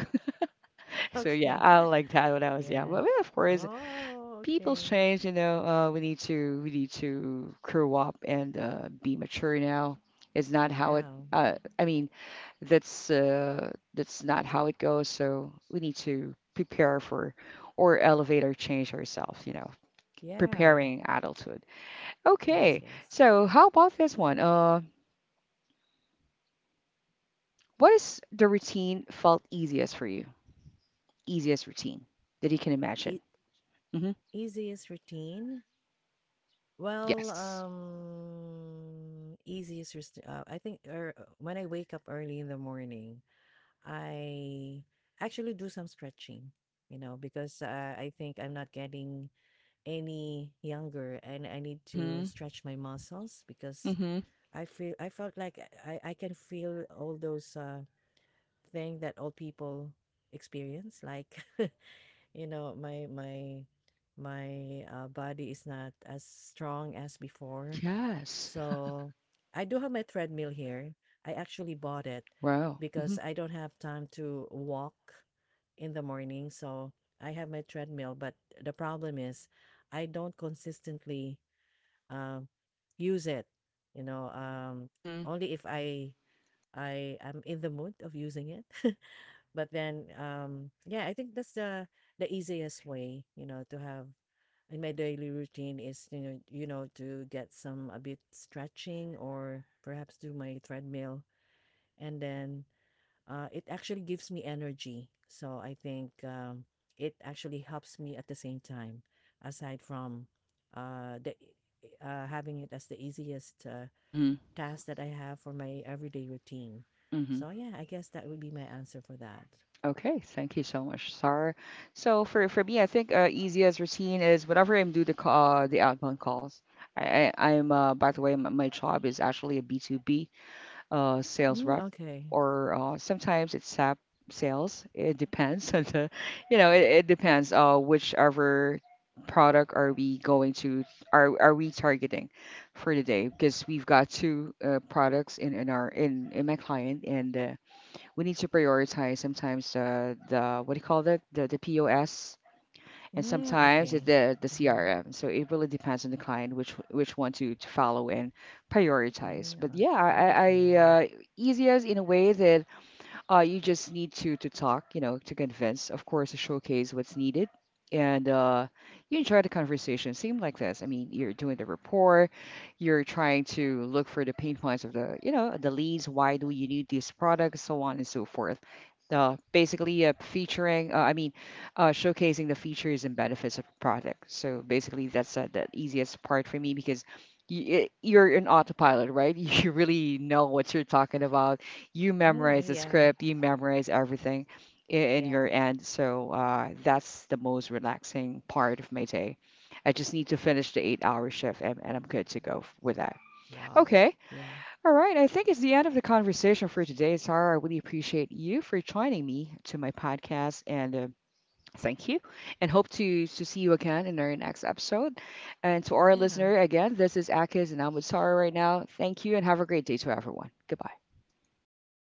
Speaker 1: So yeah,
Speaker 2: Okay.
Speaker 1: I like that when I was young.
Speaker 2: Yeah.
Speaker 1: But of course,
Speaker 2: Oh,
Speaker 1: people's
Speaker 2: okay.
Speaker 1: change. You know, we need to grow up and be mature now. It's not how it.
Speaker 2: Yeah.
Speaker 1: Uh, I mean, that's not how it goes. So we need to prepare for or elevate or change ourselves. You know,
Speaker 2: Yeah.
Speaker 1: preparing adulthood.
Speaker 2: Yes,
Speaker 1: Okay,
Speaker 2: yes.
Speaker 1: so how about this one? What is the routine felt easiest for you? Easiest routine that you can imagine.
Speaker 2: E-
Speaker 1: Hmm.
Speaker 2: easiest routine? Well,
Speaker 1: Yes.
Speaker 2: easiest, I think, or when I wake up early in the morning, I actually do some stretching, you know, because I think I'm not getting any younger, and I need to
Speaker 1: Hmm.
Speaker 2: stretch my muscles, because
Speaker 1: Mm-hmm.
Speaker 2: I felt like I can feel all those, thing that old people experience, like you know my body is not as strong as before.
Speaker 1: Yes.
Speaker 2: So I do have my treadmill here. I actually bought it
Speaker 1: Wow. Mm-hmm.
Speaker 2: because I don't have time to walk in the morning, so I have my treadmill. But the problem is I don't consistently, um, use it, you know,
Speaker 1: Mm-hmm.
Speaker 2: only if I am in the mood of using it. But then, yeah, I think that's the easiest way, you know, to have in my daily routine is, you know, to get some a bit stretching, or perhaps do my treadmill, and then it actually gives me energy. So I think, it actually helps me at the same time, aside from the having it as the easiest
Speaker 1: Mm-hmm.
Speaker 2: task that I have for my everyday routine.
Speaker 1: Mm-hmm.
Speaker 2: So yeah, I guess that would be my answer for that.
Speaker 1: Okay, thank you so much, Sarah. So for me, I think easiest routine is whenever I'm do the ca- the outbound calls. I I'm by the way, my job is actually a B2B, sales
Speaker 2: Mm,
Speaker 1: rep
Speaker 2: okay.
Speaker 1: or sometimes it's SAP sales. It depends on the, you know, it depends whichever product are we going to are we targeting for the day because we've got two products in our in my client and we need to prioritize sometimes the what do you call that the POS and
Speaker 2: Mm,
Speaker 1: sometimes it's
Speaker 2: okay.
Speaker 1: the
Speaker 2: Mhm.
Speaker 1: CRM. So it really depends on the client which one to follow and prioritize.
Speaker 2: Mm,
Speaker 1: But yeah,
Speaker 2: oh,
Speaker 1: I
Speaker 2: okay.
Speaker 1: easiest in a way that you just need to talk, you know, to convince. Of course, to showcase what's needed, and you enjoy the conversation. Seem like this. I mean, you're doing the rapport. You're trying to look for the pain points of the, you know, the leads. Why do you need these products? So on and so forth. Basically, featuring. I mean, showcasing the features and benefits of the product. So basically, that's the easiest part for me. Because you're in autopilot, right? You really know what you're talking about, you
Speaker 2: Mm,
Speaker 1: memorize the
Speaker 2: yeah.
Speaker 1: script, you memorize everything in
Speaker 2: Yeah.
Speaker 1: your end. So that's the most relaxing part of my day. I just need to finish the 8 hour shift and, I'm good to go with that.
Speaker 2: Wow.
Speaker 1: Okay.
Speaker 2: Yeah.
Speaker 1: All right. I think it's the end of the conversation for today, Sarah. I really appreciate you for joining me to my podcast and thank you. And hope to see you again in our next episode. And to our
Speaker 2: Yeah.
Speaker 1: listener, again, this is Akis and I'm with Sarah right now. Thank you and have a great day to everyone. Goodbye.
Speaker 2: Goodbye.